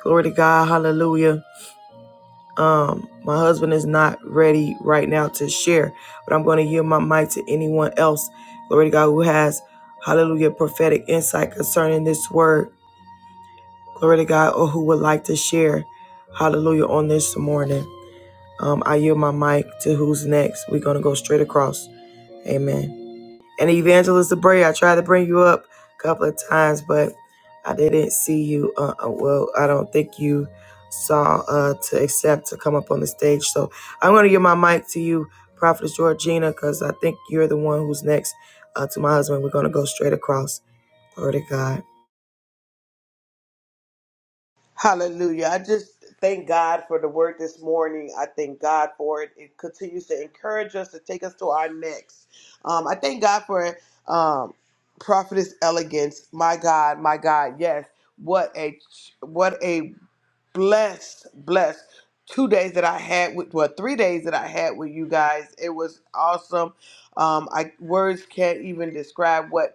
S1: Glory to God. Hallelujah. Um my husband is not ready right now to share, but I'm going to yield my mic to anyone else. Glory to God who has hallelujah prophetic insight concerning this word. Glory to God or who would like to share hallelujah on this morning. Um I yield my mic to who's next. We're going to go straight across. Amen. And Evangelist Debray, I tried to bring you up a couple of times, but I didn't see you. Uh, uh, well, I don't think you saw uh, to accept to come up on the stage. So I'm going to give my mic to you, Prophetess Georgina, because I think you're the one who's next uh, to my husband. We're going to go straight across. Glory to God.
S2: Hallelujah. I just thank God for the word this morning. I thank God for it. It continues to encourage us to take us to our next. Um, I thank God for um, prophetess elegance. My God, my God, yes. What a what a blessed, blessed two days that I had with well, three days that I had with you guys. It was awesome. Um, I words can't even describe what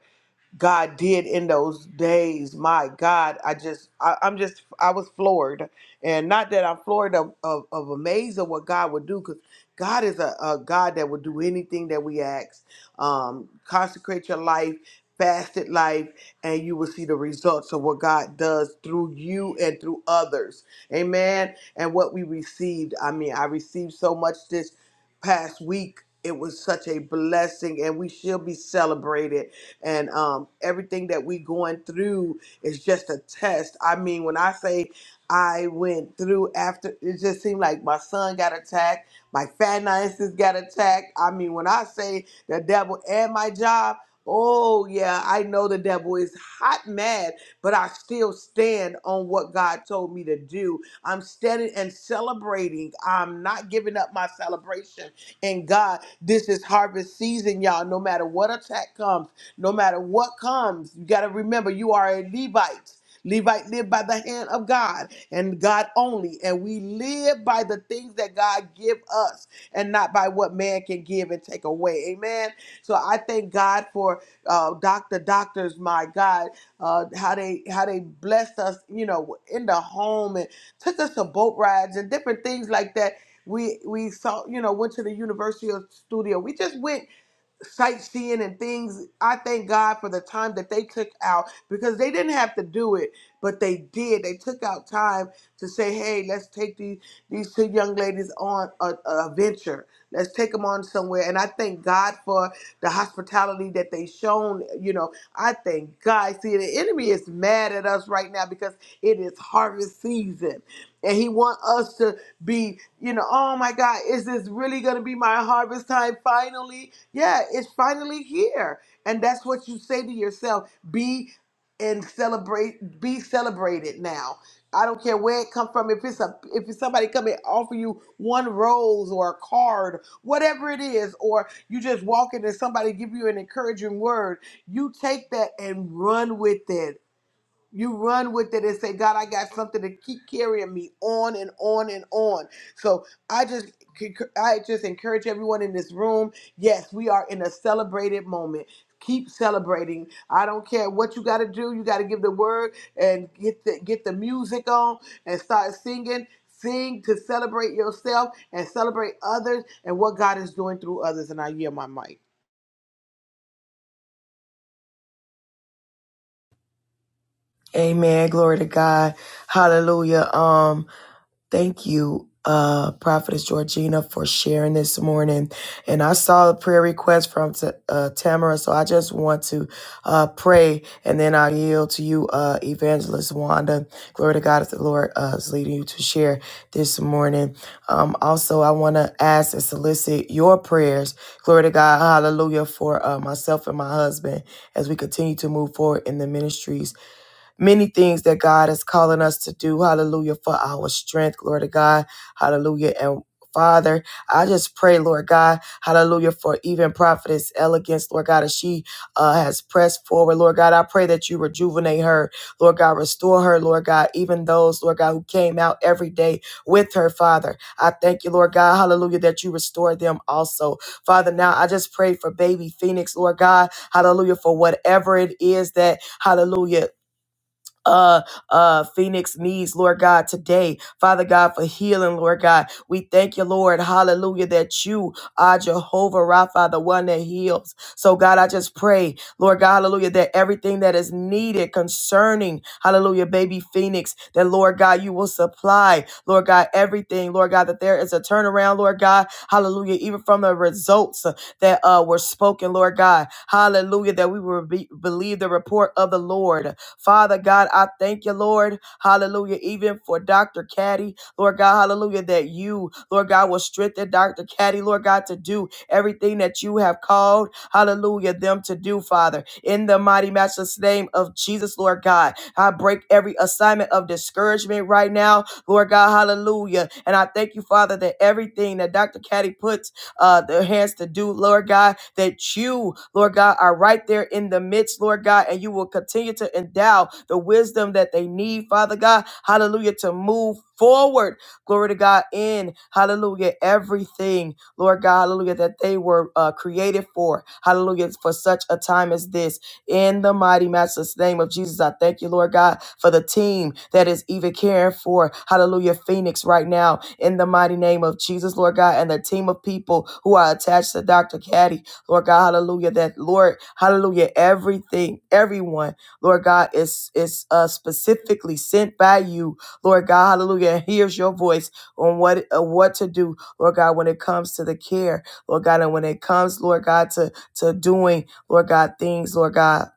S2: God did in those days. My God, I just, I, I'm just, I was floored, and not that I'm floored of of, of amaze of what God would do, because God is a, a God that would do anything that we ask. Um, consecrate your life, fasted life, and you will see the results of what God does through you and through others. Amen. And what we received, I mean, I received so much this past week. It was such a blessing, and we should be celebrated and um, everything that we going through is just a test. I mean, when I say I went through after, it just seemed like my son got attacked, my finances got attacked. I mean, when I say the devil and my job. Oh, yeah, I know the devil is hot mad, but I still stand on what God told me to do. I'm standing and celebrating. I'm not giving up my celebration. And God, this is harvest season, y'all. No matter what attack comes, no matter what comes, you got to remember you are a Levite. Levite lived by the hand of God and God only. And we live by the things that God give us and not by what man can give and take away. Amen. So I thank God for uh, doctor doctors, my God, uh, how they how they blessed us, you know, in the home and took us to boat rides and different things like that. We we saw, you know, went to the Universal Studio. We just went sightseeing and things. I thank God for the time that they took out because they didn't have to do it, but they did. They took out time to say, "Hey, let's take these these two young ladies on a, a venture. Let's take them on somewhere." And I thank God for the hospitality that they shown. You know, I thank God. See, the enemy is mad at us right now because it is harvest season, and he want us to be, you know, oh my God, is this really going to be my harvest time finally? Yeah, it's finally here. And that's what you say to yourself be and celebrate, be celebrated now. I don't care where it comes from. If it's a if it's somebody come and offer you one rose or a card, whatever it is, or you just walk in and somebody give you an encouraging word, you take that and run with it you run with it and say, God, I got something to keep carrying me on and on and on. So I just I just encourage everyone in this room. Yes, we are in a celebrated moment. Keep celebrating. I don't care what you got to do. You got to give the word and get the get the music on and start singing. Sing to celebrate yourself and celebrate others and what God is doing through others. And I yield my mic.
S1: Amen. Glory to God. Hallelujah. Um, Thank you, uh, Prophetess Georgina, for sharing this morning. And I saw a prayer request from T- uh, Tamara, so I just want to uh, pray, and then I yield to you, uh, Evangelist Wanda. Glory to God, as the Lord uh, is leading you to share this morning. Um, also, I want to ask and solicit your prayers. Glory to God, hallelujah, for uh, myself and my husband as we continue to move forward in the ministries many things that God is calling us to do. Hallelujah. For our strength. Glory to God. Hallelujah. And Father, I just pray, Lord God, hallelujah, for even prophetess elegance, Lord God, as she uh, has pressed forward, Lord God, I pray that you rejuvenate her, Lord God, restore her, Lord God, even those, Lord God, who came out every day with her, Father. I thank you, Lord God, hallelujah, that you restore them also. Father, now I just pray for baby Phoenix, Lord God, hallelujah, for whatever it is that, hallelujah, uh, uh, Phoenix needs, Lord God, today. Father God, for healing, Lord God. We thank you, Lord, hallelujah, that you are Jehovah Rapha, the one that heals. So, God, I just pray, Lord God, hallelujah, that everything that is needed concerning, hallelujah, baby Phoenix, that, Lord God, you will supply, Lord God, everything, Lord God, that there is a turnaround, Lord God, hallelujah, even from the results uh, that uh, were spoken, Lord God, hallelujah, that we will be, believe the report of the Lord. Father God, I thank you, Lord. Hallelujah. Even for Dr. Caddy, Lord God, hallelujah, that you, Lord God, will strengthen Dr. Caddy, Lord God, to do everything that you have called, hallelujah, them to do, Father. In the mighty matchless name of Jesus, Lord God, I break every assignment of discouragement right now, Lord God, hallelujah. And I thank you, Father, that everything that Dr. Caddy puts uh, their hands to do, Lord God, that you, Lord God, are right there in the midst, Lord God, and you will continue to endow the wisdom that they need, Father God, hallelujah, to move forward, glory to God, in, hallelujah, everything, Lord God, hallelujah, that they were uh, created for, hallelujah, for such a time as this. In the mighty master's name of Jesus, I thank you, Lord God, for the team that is even caring for, hallelujah, Phoenix right now. In the mighty name of Jesus, Lord God, and the team of people who are attached to Dr. Caddy, Lord God, hallelujah, that Lord, hallelujah, everything, everyone, Lord God, is, is uh, specifically sent by you, Lord God, hallelujah, and hears your voice on what, uh, what to do, Lord God, when it comes to the care, Lord God, and when it comes, Lord God, to, to doing Lord God, things, Lord God,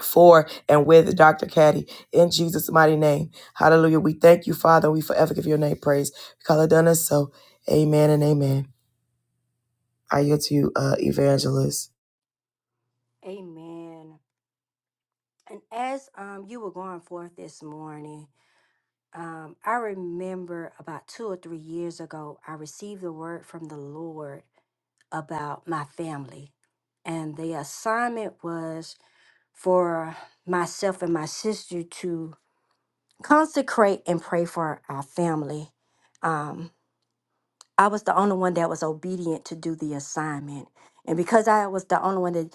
S1: for and with Dr. Caddy in Jesus' mighty name. Hallelujah. We thank you, Father. We forever give your name praise because it done us so. Amen and amen. I yield to you, uh, evangelist.
S4: Amen. And as um, you were going forth this morning, um, I remember about two or three years ago, I received a word from the Lord about my family. And the assignment was for myself and my sister to consecrate and pray for our family. Um, I was the only one that was obedient to do the assignment. And because I was the only one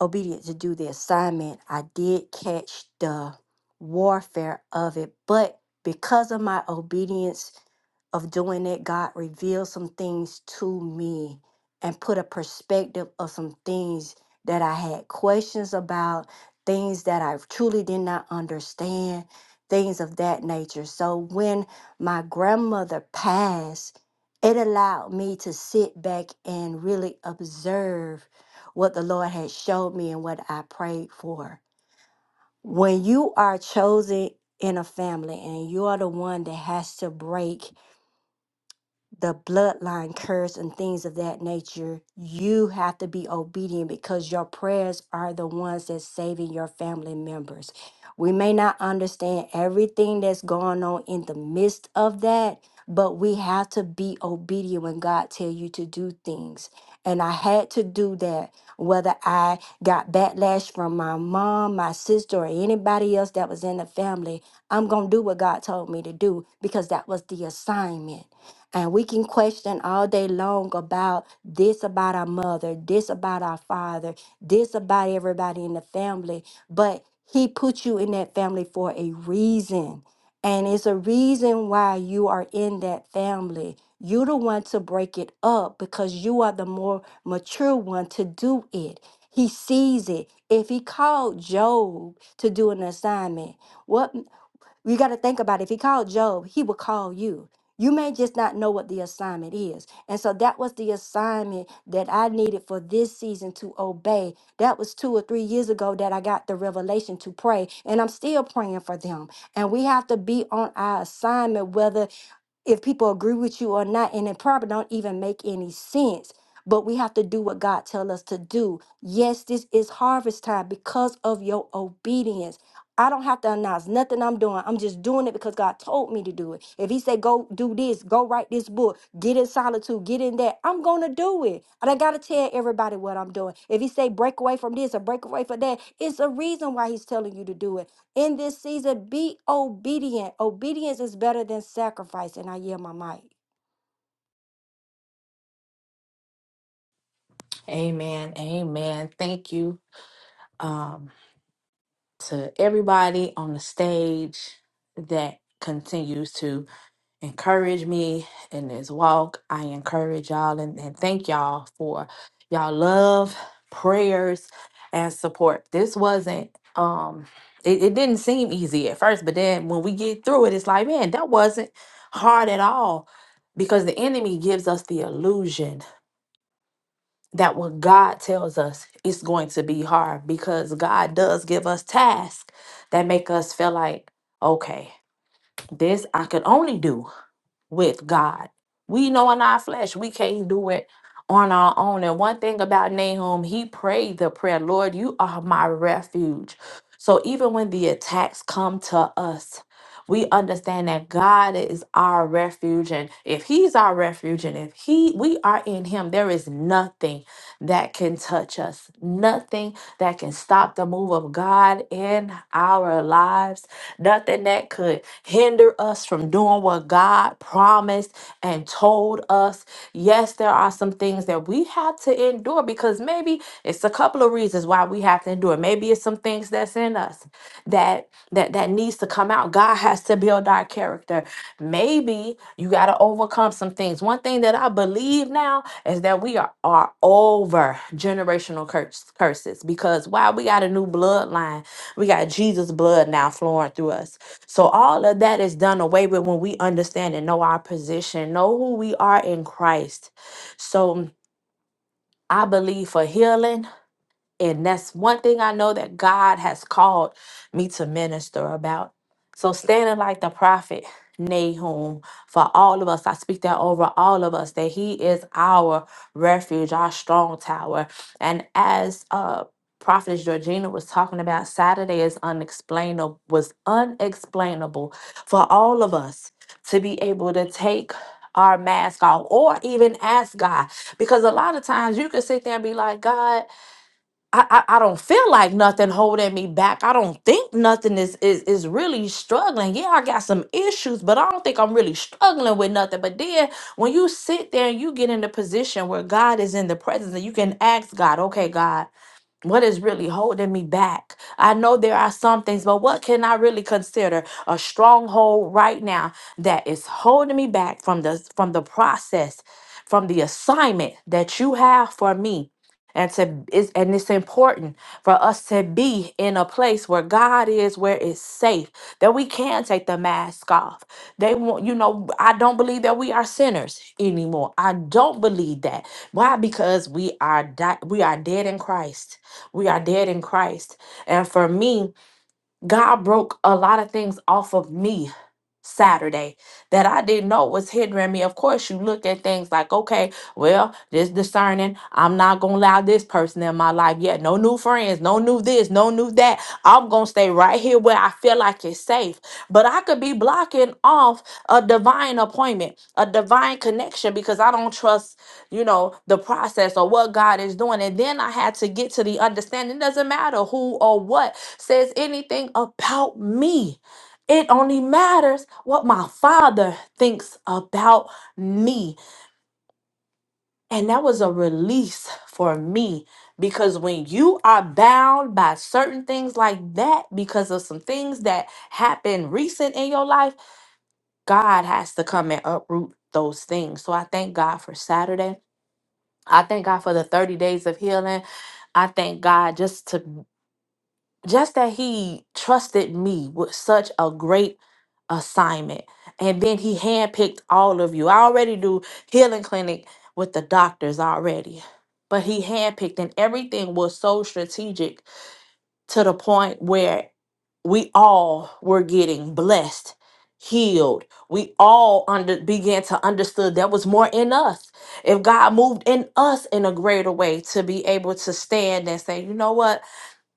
S4: obedient to do the assignment. I did catch the warfare of it, but because of my obedience of doing it, God revealed some things to me and put a perspective of some things that I had questions about, things that I truly did not understand, things of that nature. So when my grandmother passed, it allowed me to sit back and really observe what the Lord had showed me and what I prayed for. When you are chosen in a family and you are the one that has to break the bloodline curse and things of that nature, you have to be obedient because your prayers are the ones that's saving your family members. We may not understand everything that's going on in the midst of that, but we have to be obedient when God tell you to do things. And I had to do that, whether I got backlash from my mom, my sister, or anybody else that was in the family. I'm going to do what God told me to do because that was the assignment. And we can question all day long about this about our mother, this about our father, this about everybody in the family. But he put you in that family for a reason. And it's a reason why you are in that family. You're the one to break it up because you are the more mature one to do it. He sees it. If he called Job to do an assignment, what? You got to think about it. if he called Job, he would call you. You may just not know what the assignment is. And so that was the assignment that I needed for this season to obey. That was two or three years ago that I got the revelation to pray, and I'm still praying for them. And we have to be on our assignment, whether if people agree with you or not and it probably don't even make any sense but we have to do what god tells us to do yes this is harvest time because of your obedience I don't have to announce nothing I'm doing. I'm just doing it because God told me to do it. If He said, go do this, go write this book, get in solitude, get in that, I'm going to do it. And I got to tell everybody what I'm doing. If He say, break away from this or break away from that, it's a reason why He's telling you to do it. In this season, be obedient. Obedience is better than sacrifice. And I yield my mic.
S5: Amen. Amen. Thank you um, to everybody on the stage that continues to encourage me in this walk. I encourage y'all and, and thank y'all for y'all love, prayers, and support. This wasn't um it, it didn't seem easy at first, but then when we get through it, it's like, man, that wasn't hard at all because the enemy gives us the illusion that what God tells us is going to be hard because God does give us tasks that make us feel like, okay, this I could only do with God. We know in our flesh we can't do it on our own. And one thing about Nahum, he prayed the prayer, Lord, you are my refuge. So even when the attacks come to us, we understand that God is our refuge. And if He's our refuge and if He we are in Him, there is nothing that can touch us, nothing that can stop the move of God in our lives nothing that could hinder us from doing what God promised and told us. Yes, there are some things that we have to endure because maybe it's a couple of reasons why we have to endure. Maybe it's some things that's in us that that that needs to come out. God has to build our character be you got to overcome some things one thing that i believe now is that we are, are over generational curse, curses because wow we got a new bloodline we got jesus blood now flowing through us so all of that is done away with when we understand and know our position know who we are in christ so I believe for healing. And that's one thing I know that God has called me to minister about. So, standing like the prophet Nahum for all of us, I speak that over all of us, that he is our refuge, our strong tower. And as uh Prophetess Georgina was talking about Saturday is unexplainable was unexplainable for all of us to be able to take our mask off or even ask God because a lot of times you can sit there and be like God I, I I don't feel like nothing holding me back. I don't think nothing is, is is really struggling. Yeah, I got some issues, but I don't think I'm really struggling with nothing. But then when you sit there and you get in the position where God is in the presence and you can ask God, okay, God. What is really holding me back? I know there are some things, but what can I really consider a stronghold right now that is holding me back from the from the process, from the assignment that you have for me? And to is and it's important for us to be in a place where God is, where it's safe, that we can take the mask off. They want, you know, I don't believe that we are sinners anymore. I don't believe that. Why? Because we are di- we are dead in Christ we are dead in Christ. And for me, God broke a lot of things off of me Saturday that I didn't know was hindering me. Of course, you look at things like, okay, well, this discerning. I'm not gonna allow this person in my life yet. No new friends, no new this, no new that. I'm gonna stay right here where I feel like it's safe. But I could be blocking off a divine appointment, a divine connection because I don't trust, you know, the process or what God is doing. And then I had to get to the understanding. It doesn't matter who or what says anything about me. It only matters what my father thinks about me. And that was a release for me because when you are bound by certain things like that, because of some things that happened recent in your life, God has to come and uproot those things. So I thank God for Saturday. I thank God for the 30 days of healing. I thank God just to just that he trusted me with such a great assignment and then he handpicked all of you i already do healing clinic with the doctors already but he handpicked and everything was so strategic to the point where we all were getting blessed healed we all under began to understood there was more in us if god moved in us in a greater way to be able to stand and say you know what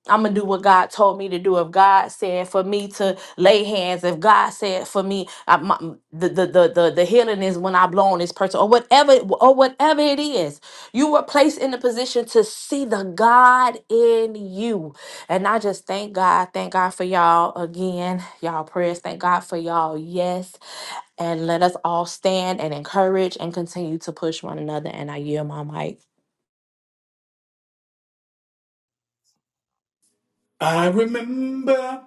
S5: I'm gonna do what God told me to do. If God said for me to lay hands, if God said for me, I, my, m- the, the the the the healing is when I blow on this person, or whatever, or whatever it is. You were placed in the position to see the God in you, and I just thank God, thank God for y'all again, y'all prayers. Thank God for y'all. Yes, and let us all stand and encourage and continue to push one another. And I yield my mic.
S3: I remember.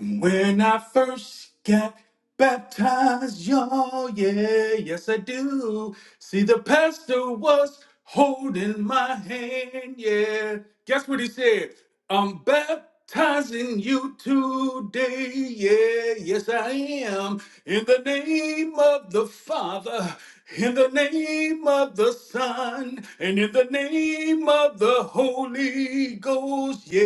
S3: When I first got baptized, y'all, yeah, yes I do. See, the pastor was holding my hand, yeah. Guess what he said? I'm baptizing you today, yeah, yes I am. In the name of the Father, in the name of the Son, and in the name of the Holy Ghost rose. Yeah,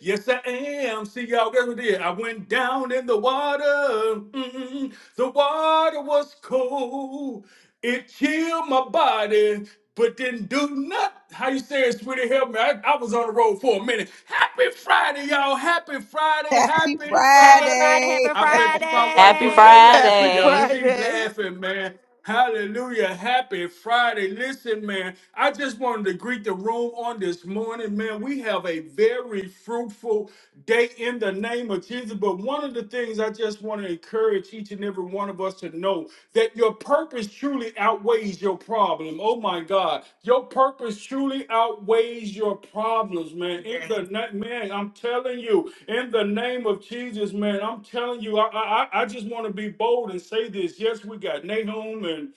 S3: yes, I am. See, y'all, guess what I did? I went down in the water. Mm, the water was cold. It chilled my body, but didn't do nothing. How you say it, sweetie? Help me. I, I was on the road for a minute. Happy Friday, y'all. Happy Friday.
S1: Happy
S3: Happy
S4: Happy
S3: Friday.
S4: Friday,
S1: Friday.
S4: happy
S3: I bet you my wife
S5: Happy
S3: up there
S4: Friday.
S2: Happy
S3: laughing, y'all.
S5: Friday.
S3: She
S2: Friday.
S3: laughing, man. Hallelujah. Happy Friday. Listen, man, I just wanted to greet the room on this morning, man. We have a very fruitful day in the name of Jesus. But one of the things I just want to encourage each and every one of us to know that your purpose purpose truly outweighs your problem. Oh my God. Your purpose truly outweighs your problems, man. In the na- man, I'm telling you, in the name of Jesus, man, I'm telling you, I I, I I just want to be bold and say this. Yes, we got Nahum and.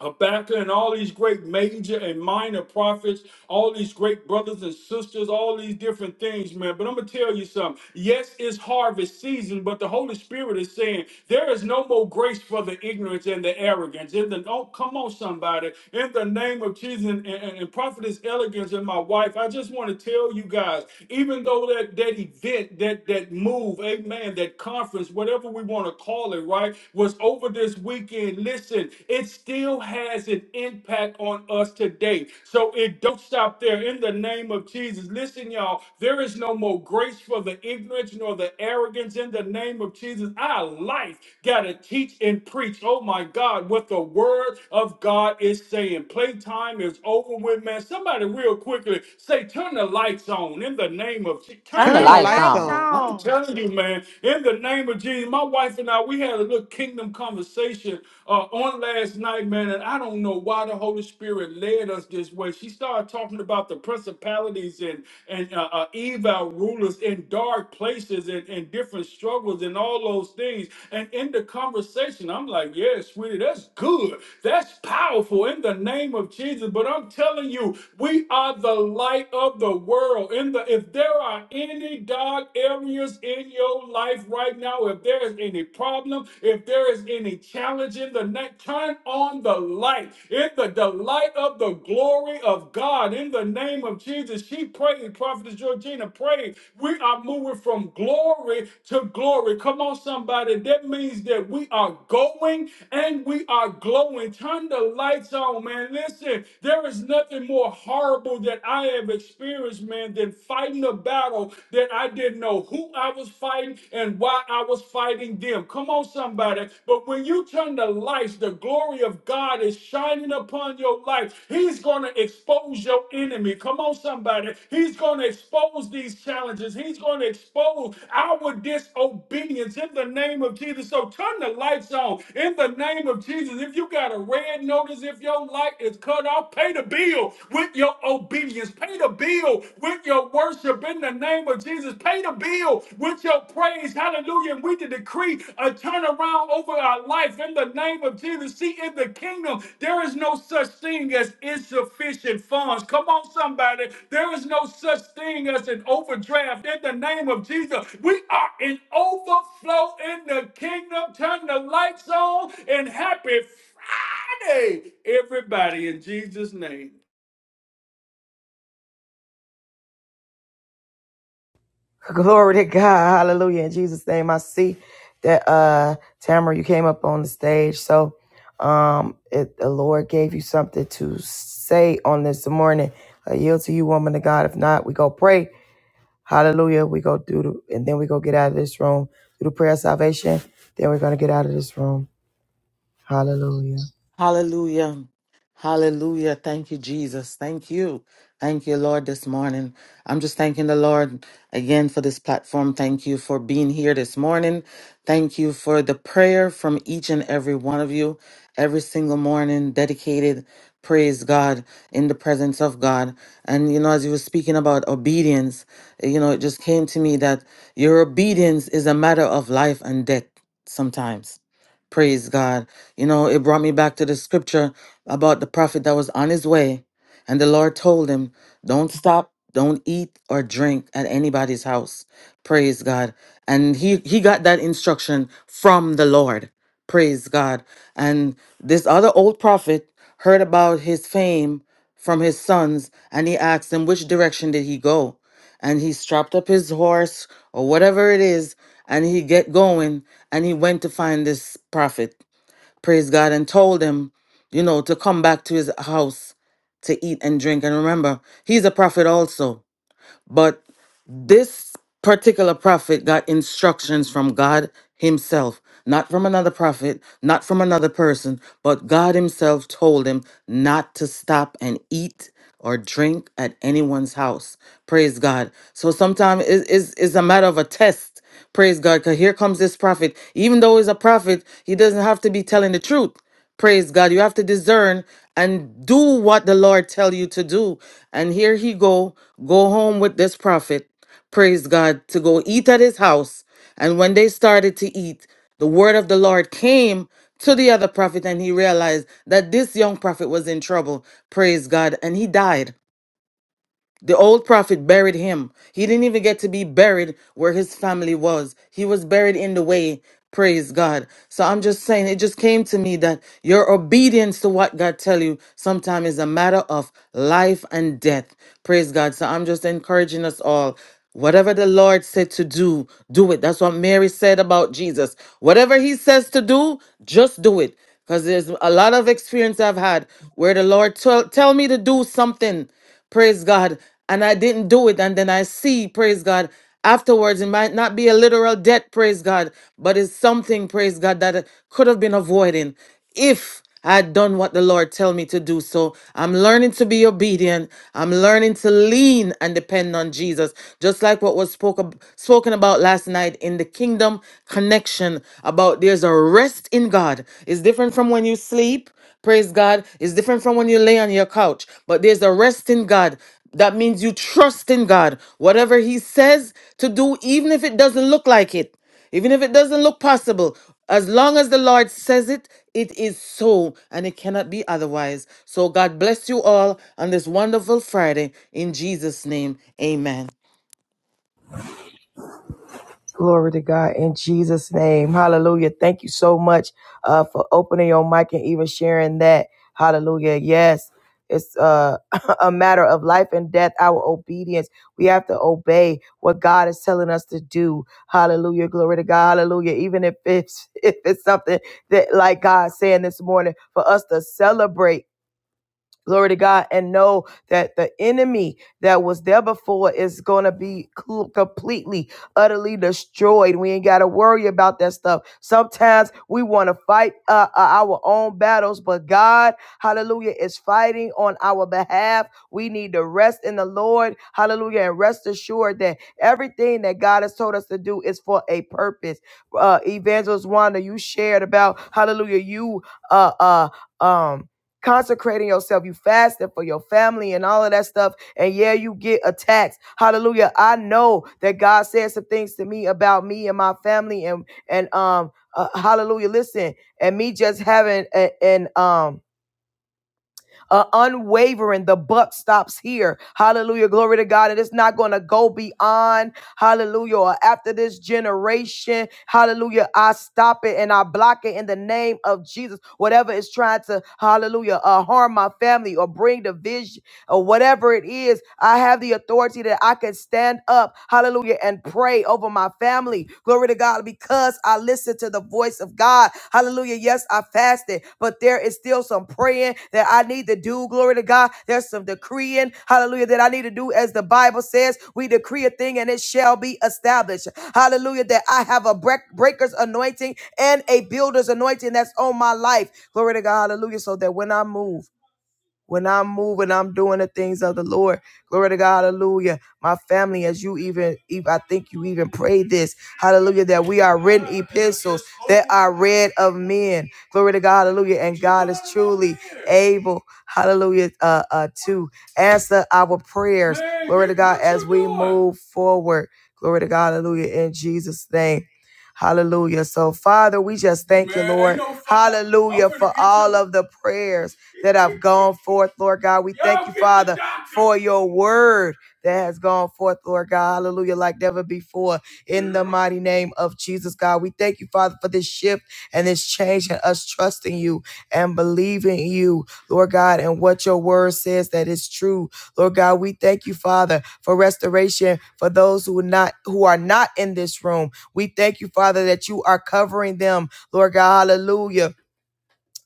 S3: Habakkuk and all these great major and minor prophets, all these great brothers and sisters, all these different things, man. But I'm gonna tell you something. Yes, it's harvest season, but the Holy Spirit is saying there is no more grace for the ignorance and the arrogance. In the oh, come on, somebody, in the name of Jesus and, and, and prophetess elegance and my wife, I just want to tell you guys, even though that that event, that that move, amen, that conference, whatever we want to call calling, right, was over this weekend. Listen, it still has an impact on us today. So it don't stop there in the name of Jesus. Listen, y'all, there is no more grace for the ignorance nor the arrogance in the name of Jesus. Our life got to teach and preach, oh my God, what the word of God is saying. Playtime is over with, man. Somebody real quickly say, turn the lights on in the name of Jesus. Turn
S2: Turn
S4: Turn
S3: the
S2: the
S4: the
S2: lights
S4: lights
S2: on.
S3: I'm
S4: on.
S3: telling you, man, in the name of Jesus, my wife and I, we had a little kingdom conversation uh, on last night, man, and I don't know why the Holy Spirit led us this way. She started talking about the principalities and and uh, uh, evil rulers in dark places and, and different struggles and all those things. And in the conversation, I'm like, yeah, sweetie, that's good. That's powerful in the name of Jesus. But I'm telling you, we are the light of the world. In the if there are any dark areas in your life right now, if there is any problem, if there is any challenge in the night, turn on the light. In the delight of the glory of God, in the name of Jesus, she prayed, Prophetess Georgina prayed. We are moving from glory to glory. Come on, somebody. That means that we are going and we are glowing. Turn the lights on, man. Listen, there is nothing more horrible that I have experienced, man, than fighting a battle that I didn't know know who I was fighting and why I was fighting them. Come on, somebody. But when you turn the lights, the glory of God is shining upon your life. He's going to expose your enemy. Come on, somebody. He's going to expose these challenges. He's going to expose our disobedience in the name of Jesus. So turn the lights on in the name of Jesus. If you got a red notice, if your light is cut off, pay the bill with your obedience. Pay the bill with your worship in the name of Jesus. Pay the bill with your praise. Hallelujah. And we can decree a turnaround over our life in the name of Jesus. See, in the kingdom, there is no such thing as insufficient funds. Come on, somebody. There is no such thing as an overdraft in the name of Jesus. We are in overflow in the kingdom. Turn the lights on and happy Friday, everybody, in Jesus' name.
S1: Glory to God. Hallelujah. In Jesus' name, I see that uh Tamara, you came up on the stage. So um if the Lord gave you something to say on this morning. I yield to you, woman of God. If not, we go pray. Hallelujah. We go through, the, and then we go get out of this room through the prayer of salvation. Then we're going to get out of this room. Hallelujah.
S6: Hallelujah. Hallelujah. Thank you, Jesus. Thank you. Thank you, Lord, this morning. I'm just thanking the Lord again for this platform. Thank you for being here this morning. Thank you for the prayer from each and every one of you every single morning, dedicated. Praise God in the presence of God. And, you know, as you were speaking about obedience, you know, it just came to me that your obedience is a matter of life and death sometimes Praise God. You know, it brought me back to the scripture about the prophet that was on his way, and the Lord told him, Don't stop, don't eat or drink at anybody's house. Praise God. And he, he got that instruction from the Lord. Praise God. And this other old prophet heard about his fame from his sons, and he asked him, Which direction did he go? and he strapped up his horse or whatever it is and he get going and he went to find this prophet praise god and told him you know to come back to his house to eat and drink and remember he's a prophet also but this particular prophet got instructions from God himself, not from another prophet, not from another person, but God himself told him not to stop and eat or drink at anyone's house. Praise God. So sometimes it's, it's, it's a matter of a test Praise God. Because here comes this prophet. Even though he's a prophet, he doesn't have to be telling the truth. Praise God. You have to discern and do what the Lord tell you to do. And here he go, go home with this prophet. Praise God to go eat at his house. And when they started to eat, the word of the Lord came to the other prophet and he realized that this young prophet was in trouble. Praise God. And he died. The old prophet buried him. He didn't even get to be buried where his family was. He was buried in the way. Praise God. So I'm just saying, it just came to me that your obedience to what God tell you sometimes is a matter of life and death. Praise God. So I'm just encouraging us all. Whatever the Lord said to do, do it. That's what Mary said about Jesus. Whatever he says to do, just do it. Because there's a lot of experience I've had where the Lord tell, tell me to do something praise God, and I didn't do it. And then I see, praise God, afterwards, it might not be a literal debt, praise God, but it's something, praise God, that I could have been avoiding if I had done what the Lord tell me to do. So I'm learning to be obedient. I'm learning to lean and depend on Jesus, just like what was spoke ab- spoken about last night in the kingdom connection about there's a rest in God. It's different from when you sleep. Praise God. It's different from when you lay on your couch, but there's a rest in God. That means you trust in God. Whatever He says to do, even if it doesn't look like it, even if it doesn't look possible, as long as the Lord says it, it is so, and it cannot be otherwise. So God bless you all on this wonderful Friday. In Jesus' name, amen.
S1: Glory to God in Jesus' name. Hallelujah. Thank you so much uh, for opening your mic and even sharing that. Hallelujah. Yes, it's uh, a matter of life and death, our obedience. We have to obey what God is telling us to do. Hallelujah. Glory to God. Hallelujah. Even if it's, if it's something that, like God saying this morning, for us to celebrate glory to God, and know that the enemy that was there before is going to be co- completely, utterly destroyed. We ain't got to worry about that stuff. Sometimes we want to fight uh, uh, our own battles, but God, hallelujah, is fighting on our behalf. We need to rest in the Lord, hallelujah, and rest assured that everything that God has told us to do is for a purpose. Uh, Evangelist Wanda, you shared about, hallelujah, you, uh, uh, um, consecrating yourself. You fasted for your family and all of that stuff. And yeah, you get attacks. Hallelujah. I know that God said some things to me about me and my family and and um uh, hallelujah. Listen, and me just having a- an um uh, unwavering. The buck stops here. Hallelujah. Glory to God. And it's not going to go beyond, hallelujah, or after this generation. Hallelujah. I stop it and I block it in the name of Jesus. Whatever is trying to, hallelujah, uh, harm my family or bring division or whatever it is, I have the authority that I can stand up, hallelujah, and pray over my family. Glory to God, because I listened to the voice of God. Hallelujah. Yes, I fasted, but there is still some praying that I need to do. Glory to God. There's some decreeing, hallelujah, that I need to do. As the Bible says, we decree a thing and it shall be established. Hallelujah, that I have a break- breaker's anointing and a builder's anointing that's on my life. Glory to God. Hallelujah. So that when I move, when I'm moving, I'm doing the things of the Lord. Glory to God, hallelujah. My family, as you even, even I think you even prayed this, hallelujah, that we are written epistles that are read of men. Glory to God, hallelujah. And God is truly able, hallelujah, uh, uh, to answer our prayers. Glory to God, as we move forward. Glory to God, hallelujah, in Jesus' name. Hallelujah. So, Father, we just thank you, Lord. Hallelujah for all of the prayers that have gone forth, Lord God. We thank you, Father, for your word that has gone forth, Lord God. Hallelujah, like never before. In the mighty name of Jesus, God. We thank you, Father, for this shift and this change and us trusting you and believing you, Lord God, and what your word says that is true. Lord God, we thank you, Father, for restoration for those who are not who are not in this room. We thank you, Father, that you are covering them, Lord God. Hallelujah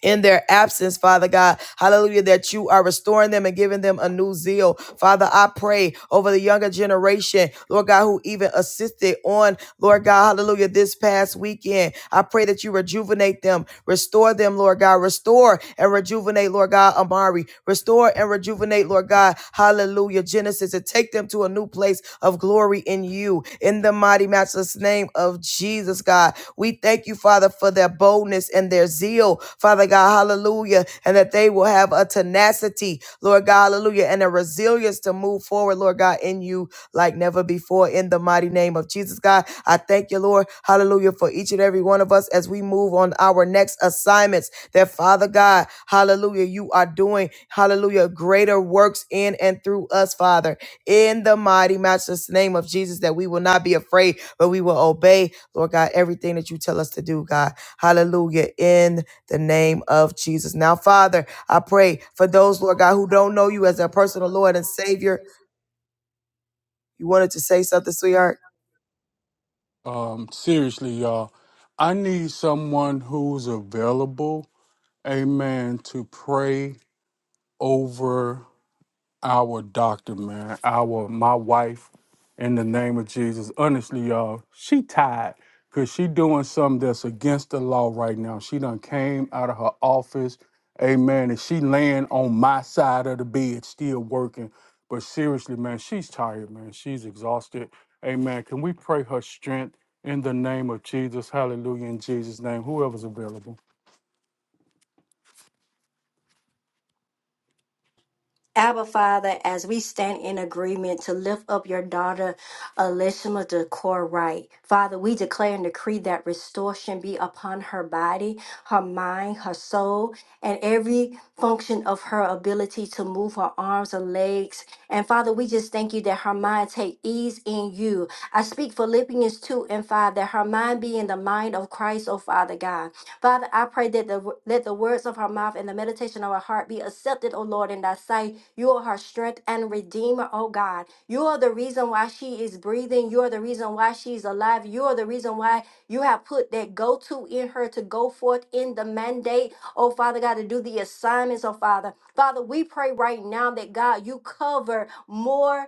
S1: in their absence, Father God. Hallelujah, that you are restoring them and giving them a new zeal. Father, I pray over the younger generation, Lord God, who even assisted on, Lord God, hallelujah, this past weekend. I pray that you rejuvenate them, restore them, Lord God, restore and rejuvenate, Lord God, Amari, restore and rejuvenate, Lord God, hallelujah, Genesis, and take them to a new place of glory in you. In the mighty matchless name of Jesus, God. We thank you, Father, for their boldness and their zeal, Father God, hallelujah, and that they will have a tenacity, Lord God, hallelujah, and a resilience to move forward, Lord God, in you like never before, in the mighty name of Jesus, God. I thank you, Lord, hallelujah, for each and every one of us as we move on our next assignments, that Father God, hallelujah, you are doing, hallelujah, greater works in and through us, Father, in the mighty, matchless name of Jesus, that we will not be afraid, but we will obey Lord God, everything that you tell us to do, God. Hallelujah. In the name of Jesus. Now, Father, I pray for those, Lord God, who don't know you as their personal Lord and Savior. You wanted to say something, sweetheart?
S3: Um, seriously, y'all, I need someone who's available, amen, to pray over our doctor, man, our my wife, in the name of Jesus. Honestly, y'all, she tired because she doing something that's against the law right now. She done came out of her office, amen, and she laying on my side of the bed, still working. But seriously, man, she's tired, man. She's exhausted. Amen. Can we pray her strength in the name of Jesus? Hallelujah. In Jesus' name, whoever's available.
S4: Abba Father, as we stand in agreement to lift up your daughter Elishma to core right, Father, we declare and decree that restoration be upon her body, her mind, her soul, and every function of her ability to move her arms and legs. And Father, we just thank you that her mind take ease in you. I speak Philippians 2 and 5 that her mind be in the mind of Christ, oh Father God. Father, I pray that the, let the words of her mouth and the meditation of her heart be accepted, O Lord, in thy sight. You are her strength and redeemer, O God. You are the reason why she is breathing. You are the reason why she's alive. You are the reason why you have put that go to in her to go forth in the mandate, oh Father God, to do the assignments, oh Father. Father, we pray right now that God, you cover more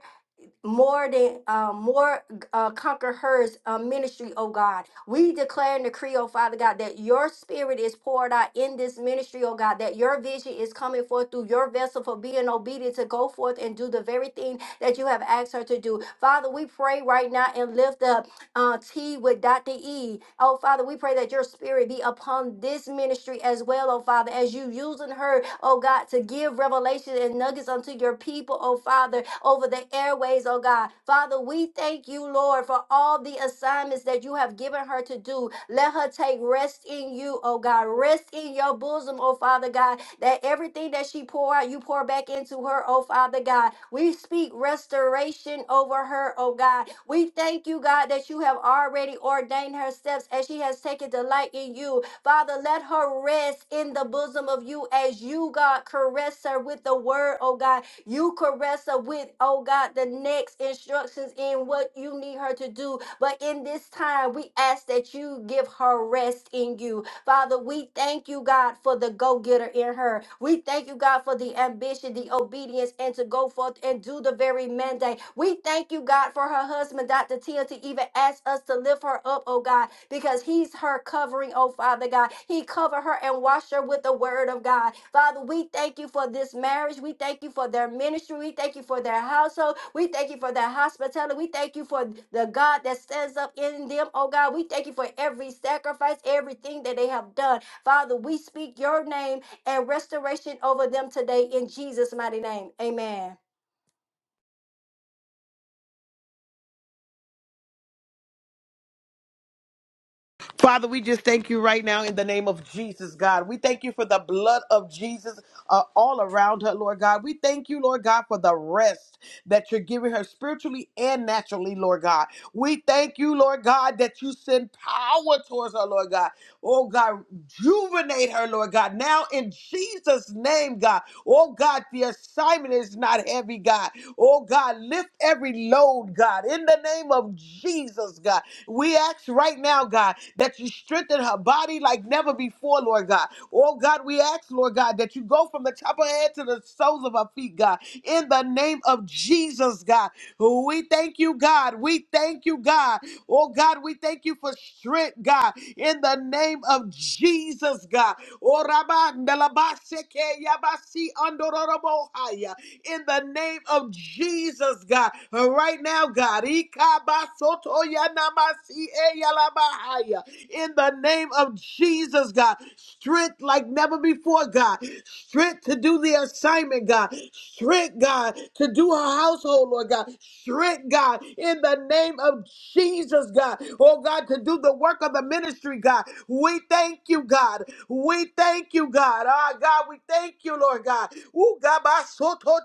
S4: more than uh, more uh, conquer hers uh, ministry, oh God. We declare and decree, oh Father God, that your spirit is poured out in this ministry, oh God, that your vision is coming forth through your vessel for being obedient to go forth and do the very thing that you have asked her to do. Father, we pray right now and lift up uh, T with Dr. E. Oh, Father, we pray that your spirit be upon this ministry as well, oh, Father, as you using her, oh, God, to give revelation and nuggets unto your people, oh, Father, over the airways, oh, God. Father, we thank you, Lord, for all the assignments that you have given her to do. Let her take rest in you, oh, God. Rest in your bosom, oh, Father, God that everything that she pour out, you pour back into her, oh Father God. We speak restoration over her, oh God. We thank you, God, that you have already ordained her steps as she has taken delight in you. Father, let her rest in the bosom of you as you, God, caress her with the word, oh God. You caress her with, oh God, the next instructions in what you need her to do. But in this time, we ask that you give her rest in you. Father, we thank you, God, for the go getter in her. We thank you, God, for the ambition, the obedience, and to go forth and do the very mandate. We thank you, God, for her husband, Dr. Tia, to even ask us to lift her up, oh God, because he's her covering, oh Father God. He covered her and washed her with the word of God. Father, we thank you for this marriage. We thank you for their ministry. We thank you for their household. We thank you for their hospitality. We thank you for the God that stands up in them, oh God. We thank you for every sacrifice, everything that they have done. Father, we speak your name and restoration over them today in Jesus' mighty name. Amen.
S2: Father, we just thank you right now in the name of Jesus, God. We thank you for the blood of Jesus uh, all around her, Lord God. We thank you, Lord God, for the rest that you're giving her spiritually and naturally, Lord God. We thank you, Lord God, that you send power towards her, Lord God. Oh, God, rejuvenate her, Lord God. Now in Jesus' name, God. Oh, God, the assignment is not heavy, God. Oh, God, lift every load, God, in the name of Jesus, God. We ask right now, God, that you strengthen her body like never before, Lord God. Oh, God, we ask, Lord God, that you go from the top of her head to the soles of her feet, God, in the name of Jesus, God. We thank you, God. We thank you, God. Oh, God, we thank you for strength, God, in the name of Jesus, God. Oh, Rabba, Ndalabaseke, Yabasi, Andororobo, in the name of Jesus, God. Uh, Right now, God. In the name of Jesus, God. Strength like never before, God. Strength to do the assignment, God. Strength, God, to do her household, Lord God. Strength, God, in the name of Jesus, God. Oh, God, to do the work of the ministry ministry, God. We thank you, God. We thank you, God. Ah, God, we thank you, Lord God. Ooh, God, my soul to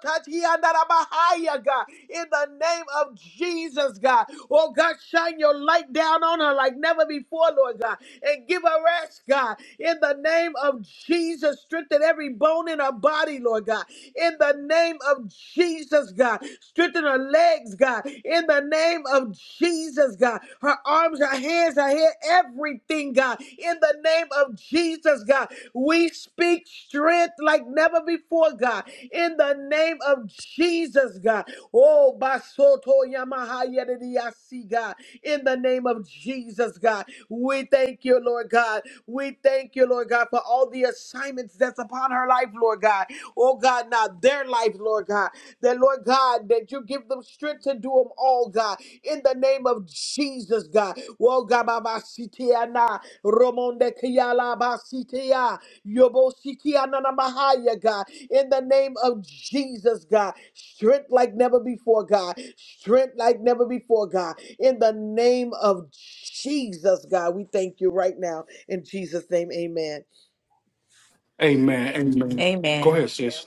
S2: I'm a higher, God. In the name of Jesus, God. Oh, God, shine your light down on her like never before, Lord God. And give her rest, God. In the name of Jesus, strengthen every bone in her body, Lord God in the name of Jesus, God. Strengthen her legs, God, in the name of Jesus, God. Her arms, her hands, her head, everything, God, in the name of Jesus, God. We speak strength like never before, God, in the name of Jesus, God. Oh, Basoto Yamaha Yedidiasi, God, in the name of Jesus, God. We thank you, Lord God. We thank you, Lord God, for all the assignments that's upon her life, Lord God Oh God, now their life, Lord God, that Lord God, that you give them strength to do them all, God, in the name of Jesus, God. Well, God, Baba Sitia na Romonde Kiala Basitia Yobo Sitia na na Mahaya, God, in the name of Jesus, God. Strength like never before, God. Strength like never before, God. In the name of Jesus, God, we thank you right now. In Jesus' name, amen.
S3: Amen. Amen. Go
S5: Amen.
S3: ahead, sis.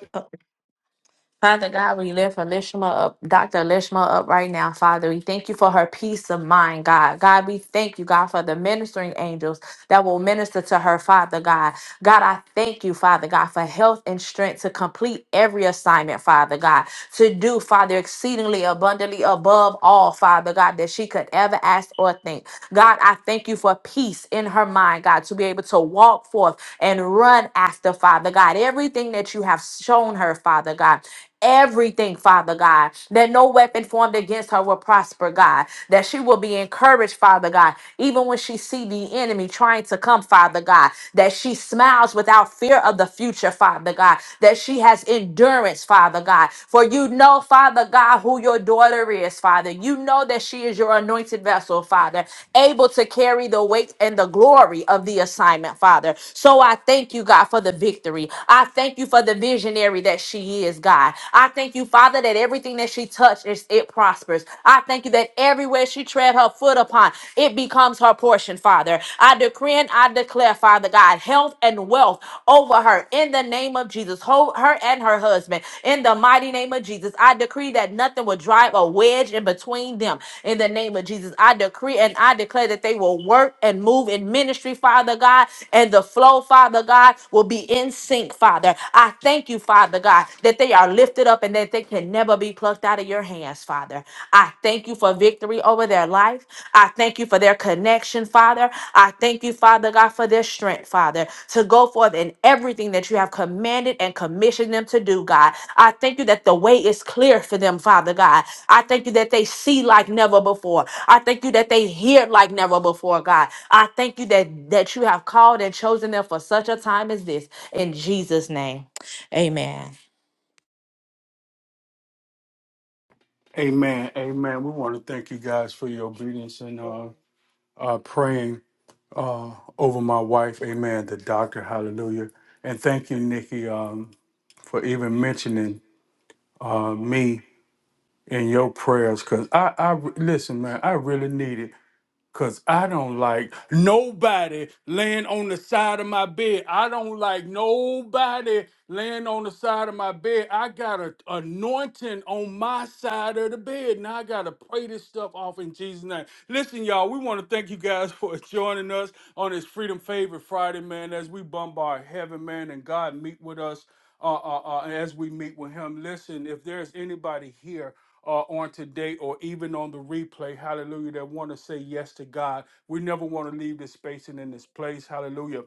S5: Father God, we lift Alishma up, Dr. Alishma up right now, Father. We thank you for her peace of mind, God. God, we thank you, God, for the ministering angels that will minister to her, Father God. God, I thank you, Father God, for health and strength to complete every assignment, Father God, to do, Father, exceedingly abundantly above all, Father God, that she could ever ask or think. God, I thank you for peace in her mind, God, to be able to walk forth and run after, Father God, everything that you have shown her, Father God everything, Father God, that no weapon formed against her will prosper, God, that she will be encouraged, Father God, even when she see the enemy trying to come, Father God, that she smiles without fear of the future, Father God, that she has endurance, Father God, for you know, Father God, who your daughter is, Father. You know that she is your anointed vessel, Father, able to carry the weight and the glory of the assignment, Father. So I thank you, God, for the victory. I thank you for the visionary that she she is, God. I thank you, Father, that everything that she touches, is- it prospers. I thank you that everywhere she tread her foot upon, it becomes her portion, Father. I decree and I declare, Father God, health and wealth over her in the name of Jesus. Hold her and her husband in the mighty name of Jesus. I decree that nothing will drive a wedge in between them in the name of Jesus. I decree and I declare that they will work and move in ministry, Father God, and the flow, Father God, will be in sync, Father. I thank you, Father. Father God, that they are lifted up and that they can never be plucked out of your hands, Father. I thank you for victory over their life. I thank you for their connection, Father. I thank you, Father God, for their strength, Father, to go forth in everything that you have commanded and commissioned them to do, God. I thank you that the way is clear for them, Father God. I thank you that they see like never before. I thank you that they hear like never before, God. I thank you that that you have called and chosen them for such a time as this. In Jesus' name. Amen.
S3: Amen. Amen. We want to thank you guys for your obedience and uh, uh, praying uh, over my wife. Amen. The doctor. Hallelujah. And thank you, Nikki, um, for even mentioning uh, me in your prayers. Because I, I, listen, man, I really needed. Cause I don't like nobody laying on the side of my bed. I don't like nobody laying on the side of my bed. I got an anointing on my side of the bed. Now I gotta pray this stuff off in Jesus' name. Listen, y'all, we want to thank you guys for joining us on this Freedom Favorite Friday, man, as we bombard heaven, man, and God meet with us uh, uh, uh, as we meet with him. Listen, if there's anybody here uh, on today or even on the replay, hallelujah, that want to say yes to God. We never want to leave this space and in this place, hallelujah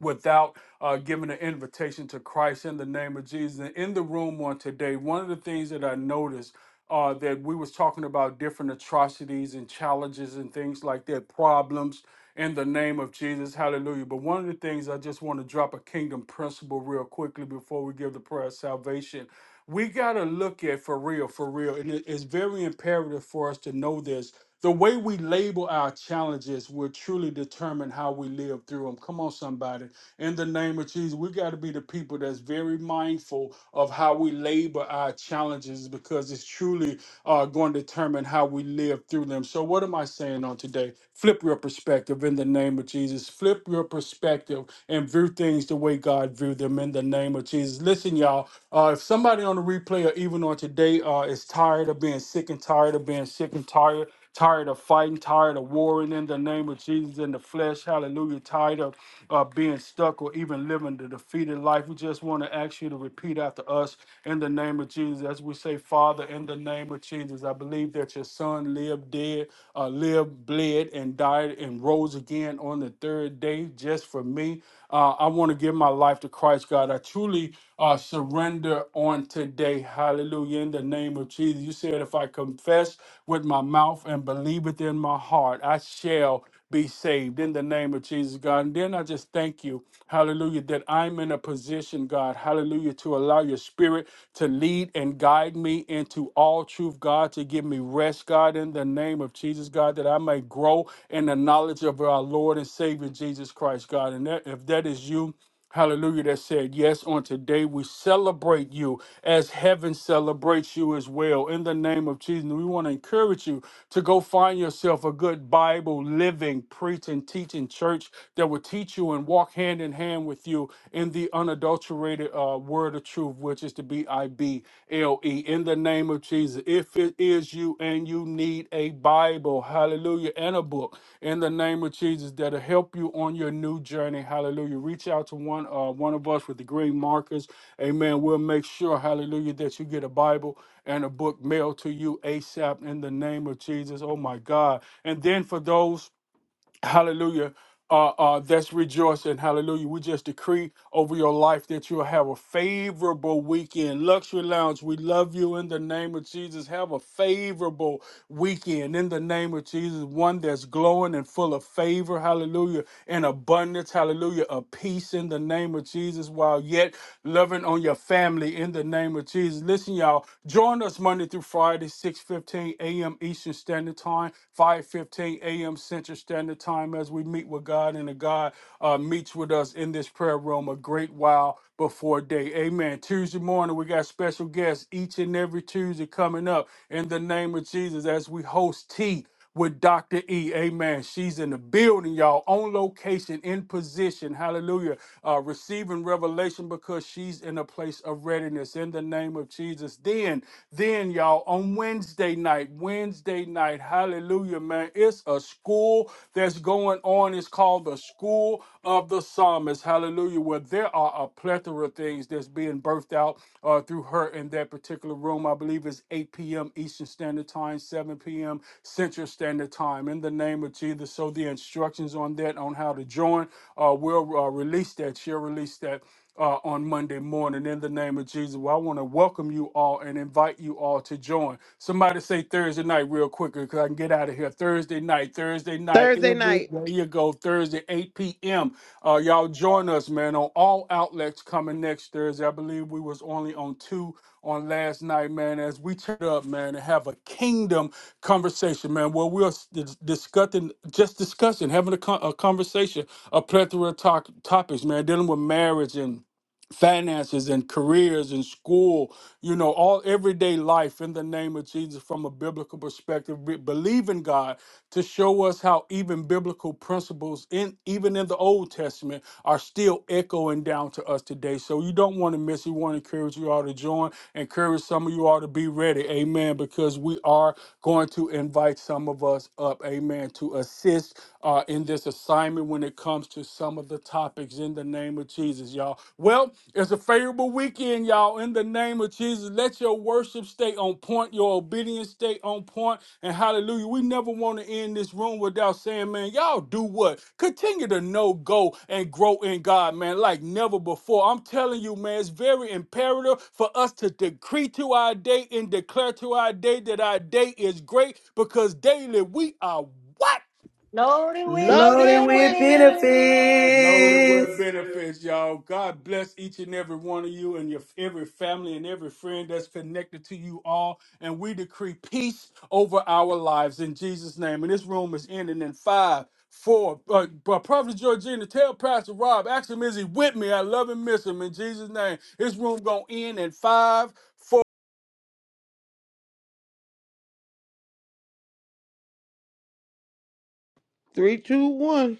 S3: without uh, giving an invitation to Christ in the name of Jesus. And in the room on today, one of the things that I noticed uh, that we was talking about different atrocities and challenges and things like that, problems in the name of Jesus. Hallelujah. But one of the things I just want to drop a kingdom principle real quickly before we give the prayer of salvation. We got to look at for real, for real. And it- it's very imperative for us to know this. The way we label our challenges will truly determine how we live through them. Come on, somebody in the name of Jesus. We got to be the people that's very mindful of how we labor our challenges because it's truly uh, going to determine how we live through them. So, what am I saying on today? Flip your perspective in the name of Jesus. Flip your perspective and view things the way God viewed them in the name of Jesus. Listen, y'all, uh, if somebody on the replay or even on today uh, is tired of being sick and tired of being sick and tired, tired of fighting, tired of warring in the name of Jesus in the flesh. Hallelujah. Tired of uh, being stuck or even living the defeated life. We just want to ask you to repeat after us in the name of Jesus. As we say, Father, in the name of Jesus, I believe that your son lived, dead, uh, lived, bled, and died and rose again on the third day just for me. Uh, I want to give my life to Christ, God. I truly truly uh, surrender on today. Hallelujah. In the name of Jesus. You said, if I confess with my mouth and believe it in my heart, I shall be saved in the name of Jesus, God. And then I just thank you, hallelujah, that I'm in a position, God, hallelujah, to allow your spirit to lead and guide me into all truth, God, to give me rest, God, in the name of Jesus, God, that I may grow in the knowledge of our Lord and Savior Jesus Christ, God. And that, if that is you, Hallelujah, that said, Yes, on today we celebrate you as heaven celebrates you as well. In the name of Jesus, we want to encourage you to go find yourself a good Bible, living, preaching, teaching church that will teach you and walk hand in hand with you in the unadulterated uh, word of truth, which is to be I B L E. In the name of Jesus. If it is you and you need a Bible, hallelujah, and a book in the name of Jesus that'll help you on your new journey, hallelujah. Reach out to one uh, one of us with the green markers, amen. We'll make sure, hallelujah, that you get a Bible and a book mailed to you ASAP in the name of Jesus. Oh my God. And then for those Hallelujah. Uh, uh, that's rejoicing. Hallelujah. We just decree over your life that you'll have a favorable weekend. Luxury Lounge, we love you in the name of Jesus. Have a favorable weekend in the name of Jesus. One that's glowing and full of favor. Hallelujah. And abundance. Hallelujah. A peace in the name of Jesus while yet loving on your family in the name of Jesus. Listen, y'all, join us Monday through Friday, 6 15 a.m. Eastern Standard Time time, 5:15 a.m. Central Standard Time, as we meet with God and the God uh, meets with us in this prayer room a great while before day. Amen. Tuesday morning, we got special guests each and every Tuesday coming up in the name of Jesus as we host tea with Dr. E. Amen. She's in the building, y'all, on location, in position. Hallelujah. Uh, receiving revelation because she's in a place of readiness in the name of Jesus. Then, then, y'all, on Wednesday night, Wednesday night, hallelujah, man. It's a school that's going on. It's called the School of the Psalmist. Hallelujah. Where there are a plethora plethora of things that's being birthed out uh, through her in that particular room. I believe it's 8 p.m. Eastern Standard Time, 7 p.m. Central Standard Time. In the name of Jesus. So the instructions on that, on how to join, uh, we'll uh, release that. She'll release that uh, on Monday morning in the name of Jesus. Well, I want to welcome you all and invite you all to join. Somebody say Thursday night real quick because I can and get out of here. Thursday night, Thursday night,
S2: Thursday
S3: every
S2: night.
S3: day you go, Thursday, 8 p.m. Uh, y'all join us, man, on all outlets coming next Thursday. I believe we was only on two on last night, man, as we turn up, man, and have a kingdom conversation, man, where we're s- dis- discussing, just discussing, having a, con- a conversation, a plethora of to- topics, man, dealing with marriage and finances and careers and school, you know, all everyday life in the name of Jesus from a biblical perspective. Be- believe in God to show us how even biblical principles in even in the Old Testament are still echoing down to us today. So you don't want to miss. it. We want to encourage you all to join. Encourage some of you all to be ready. Amen. Because we are going to invite some of us up. Amen. To assist uh, in this assignment when it comes to some of the topics in the name of Jesus, y'all. Well, it's a favorable weekend, y'all. In the name of Jesus, let your worship stay on point, your obedience stay on point, and hallelujah. We never want to end this room without saying, man, y'all do what? Continue to know, go, and grow in God, man, like never before. I'm telling you, man, it's very imperative for us to decree to our day and declare to our day that our day is great because daily we are. what.
S4: Loaded with
S1: Loaded
S2: Loaded
S1: with
S2: with benefits.
S4: benefits.
S3: Loaded with
S1: benefits.
S3: benefits, y'all. God bless each and every one of you and your every family and every friend that's connected to you all. And we decree peace over our lives in Jesus' name. And this room is ending in five, four. Uh, but Prophet Georgina, tell Pastor Rob, ask him is he with me? I love and miss him in Jesus' name. This room gonna end in five, four.
S2: Three, two, one.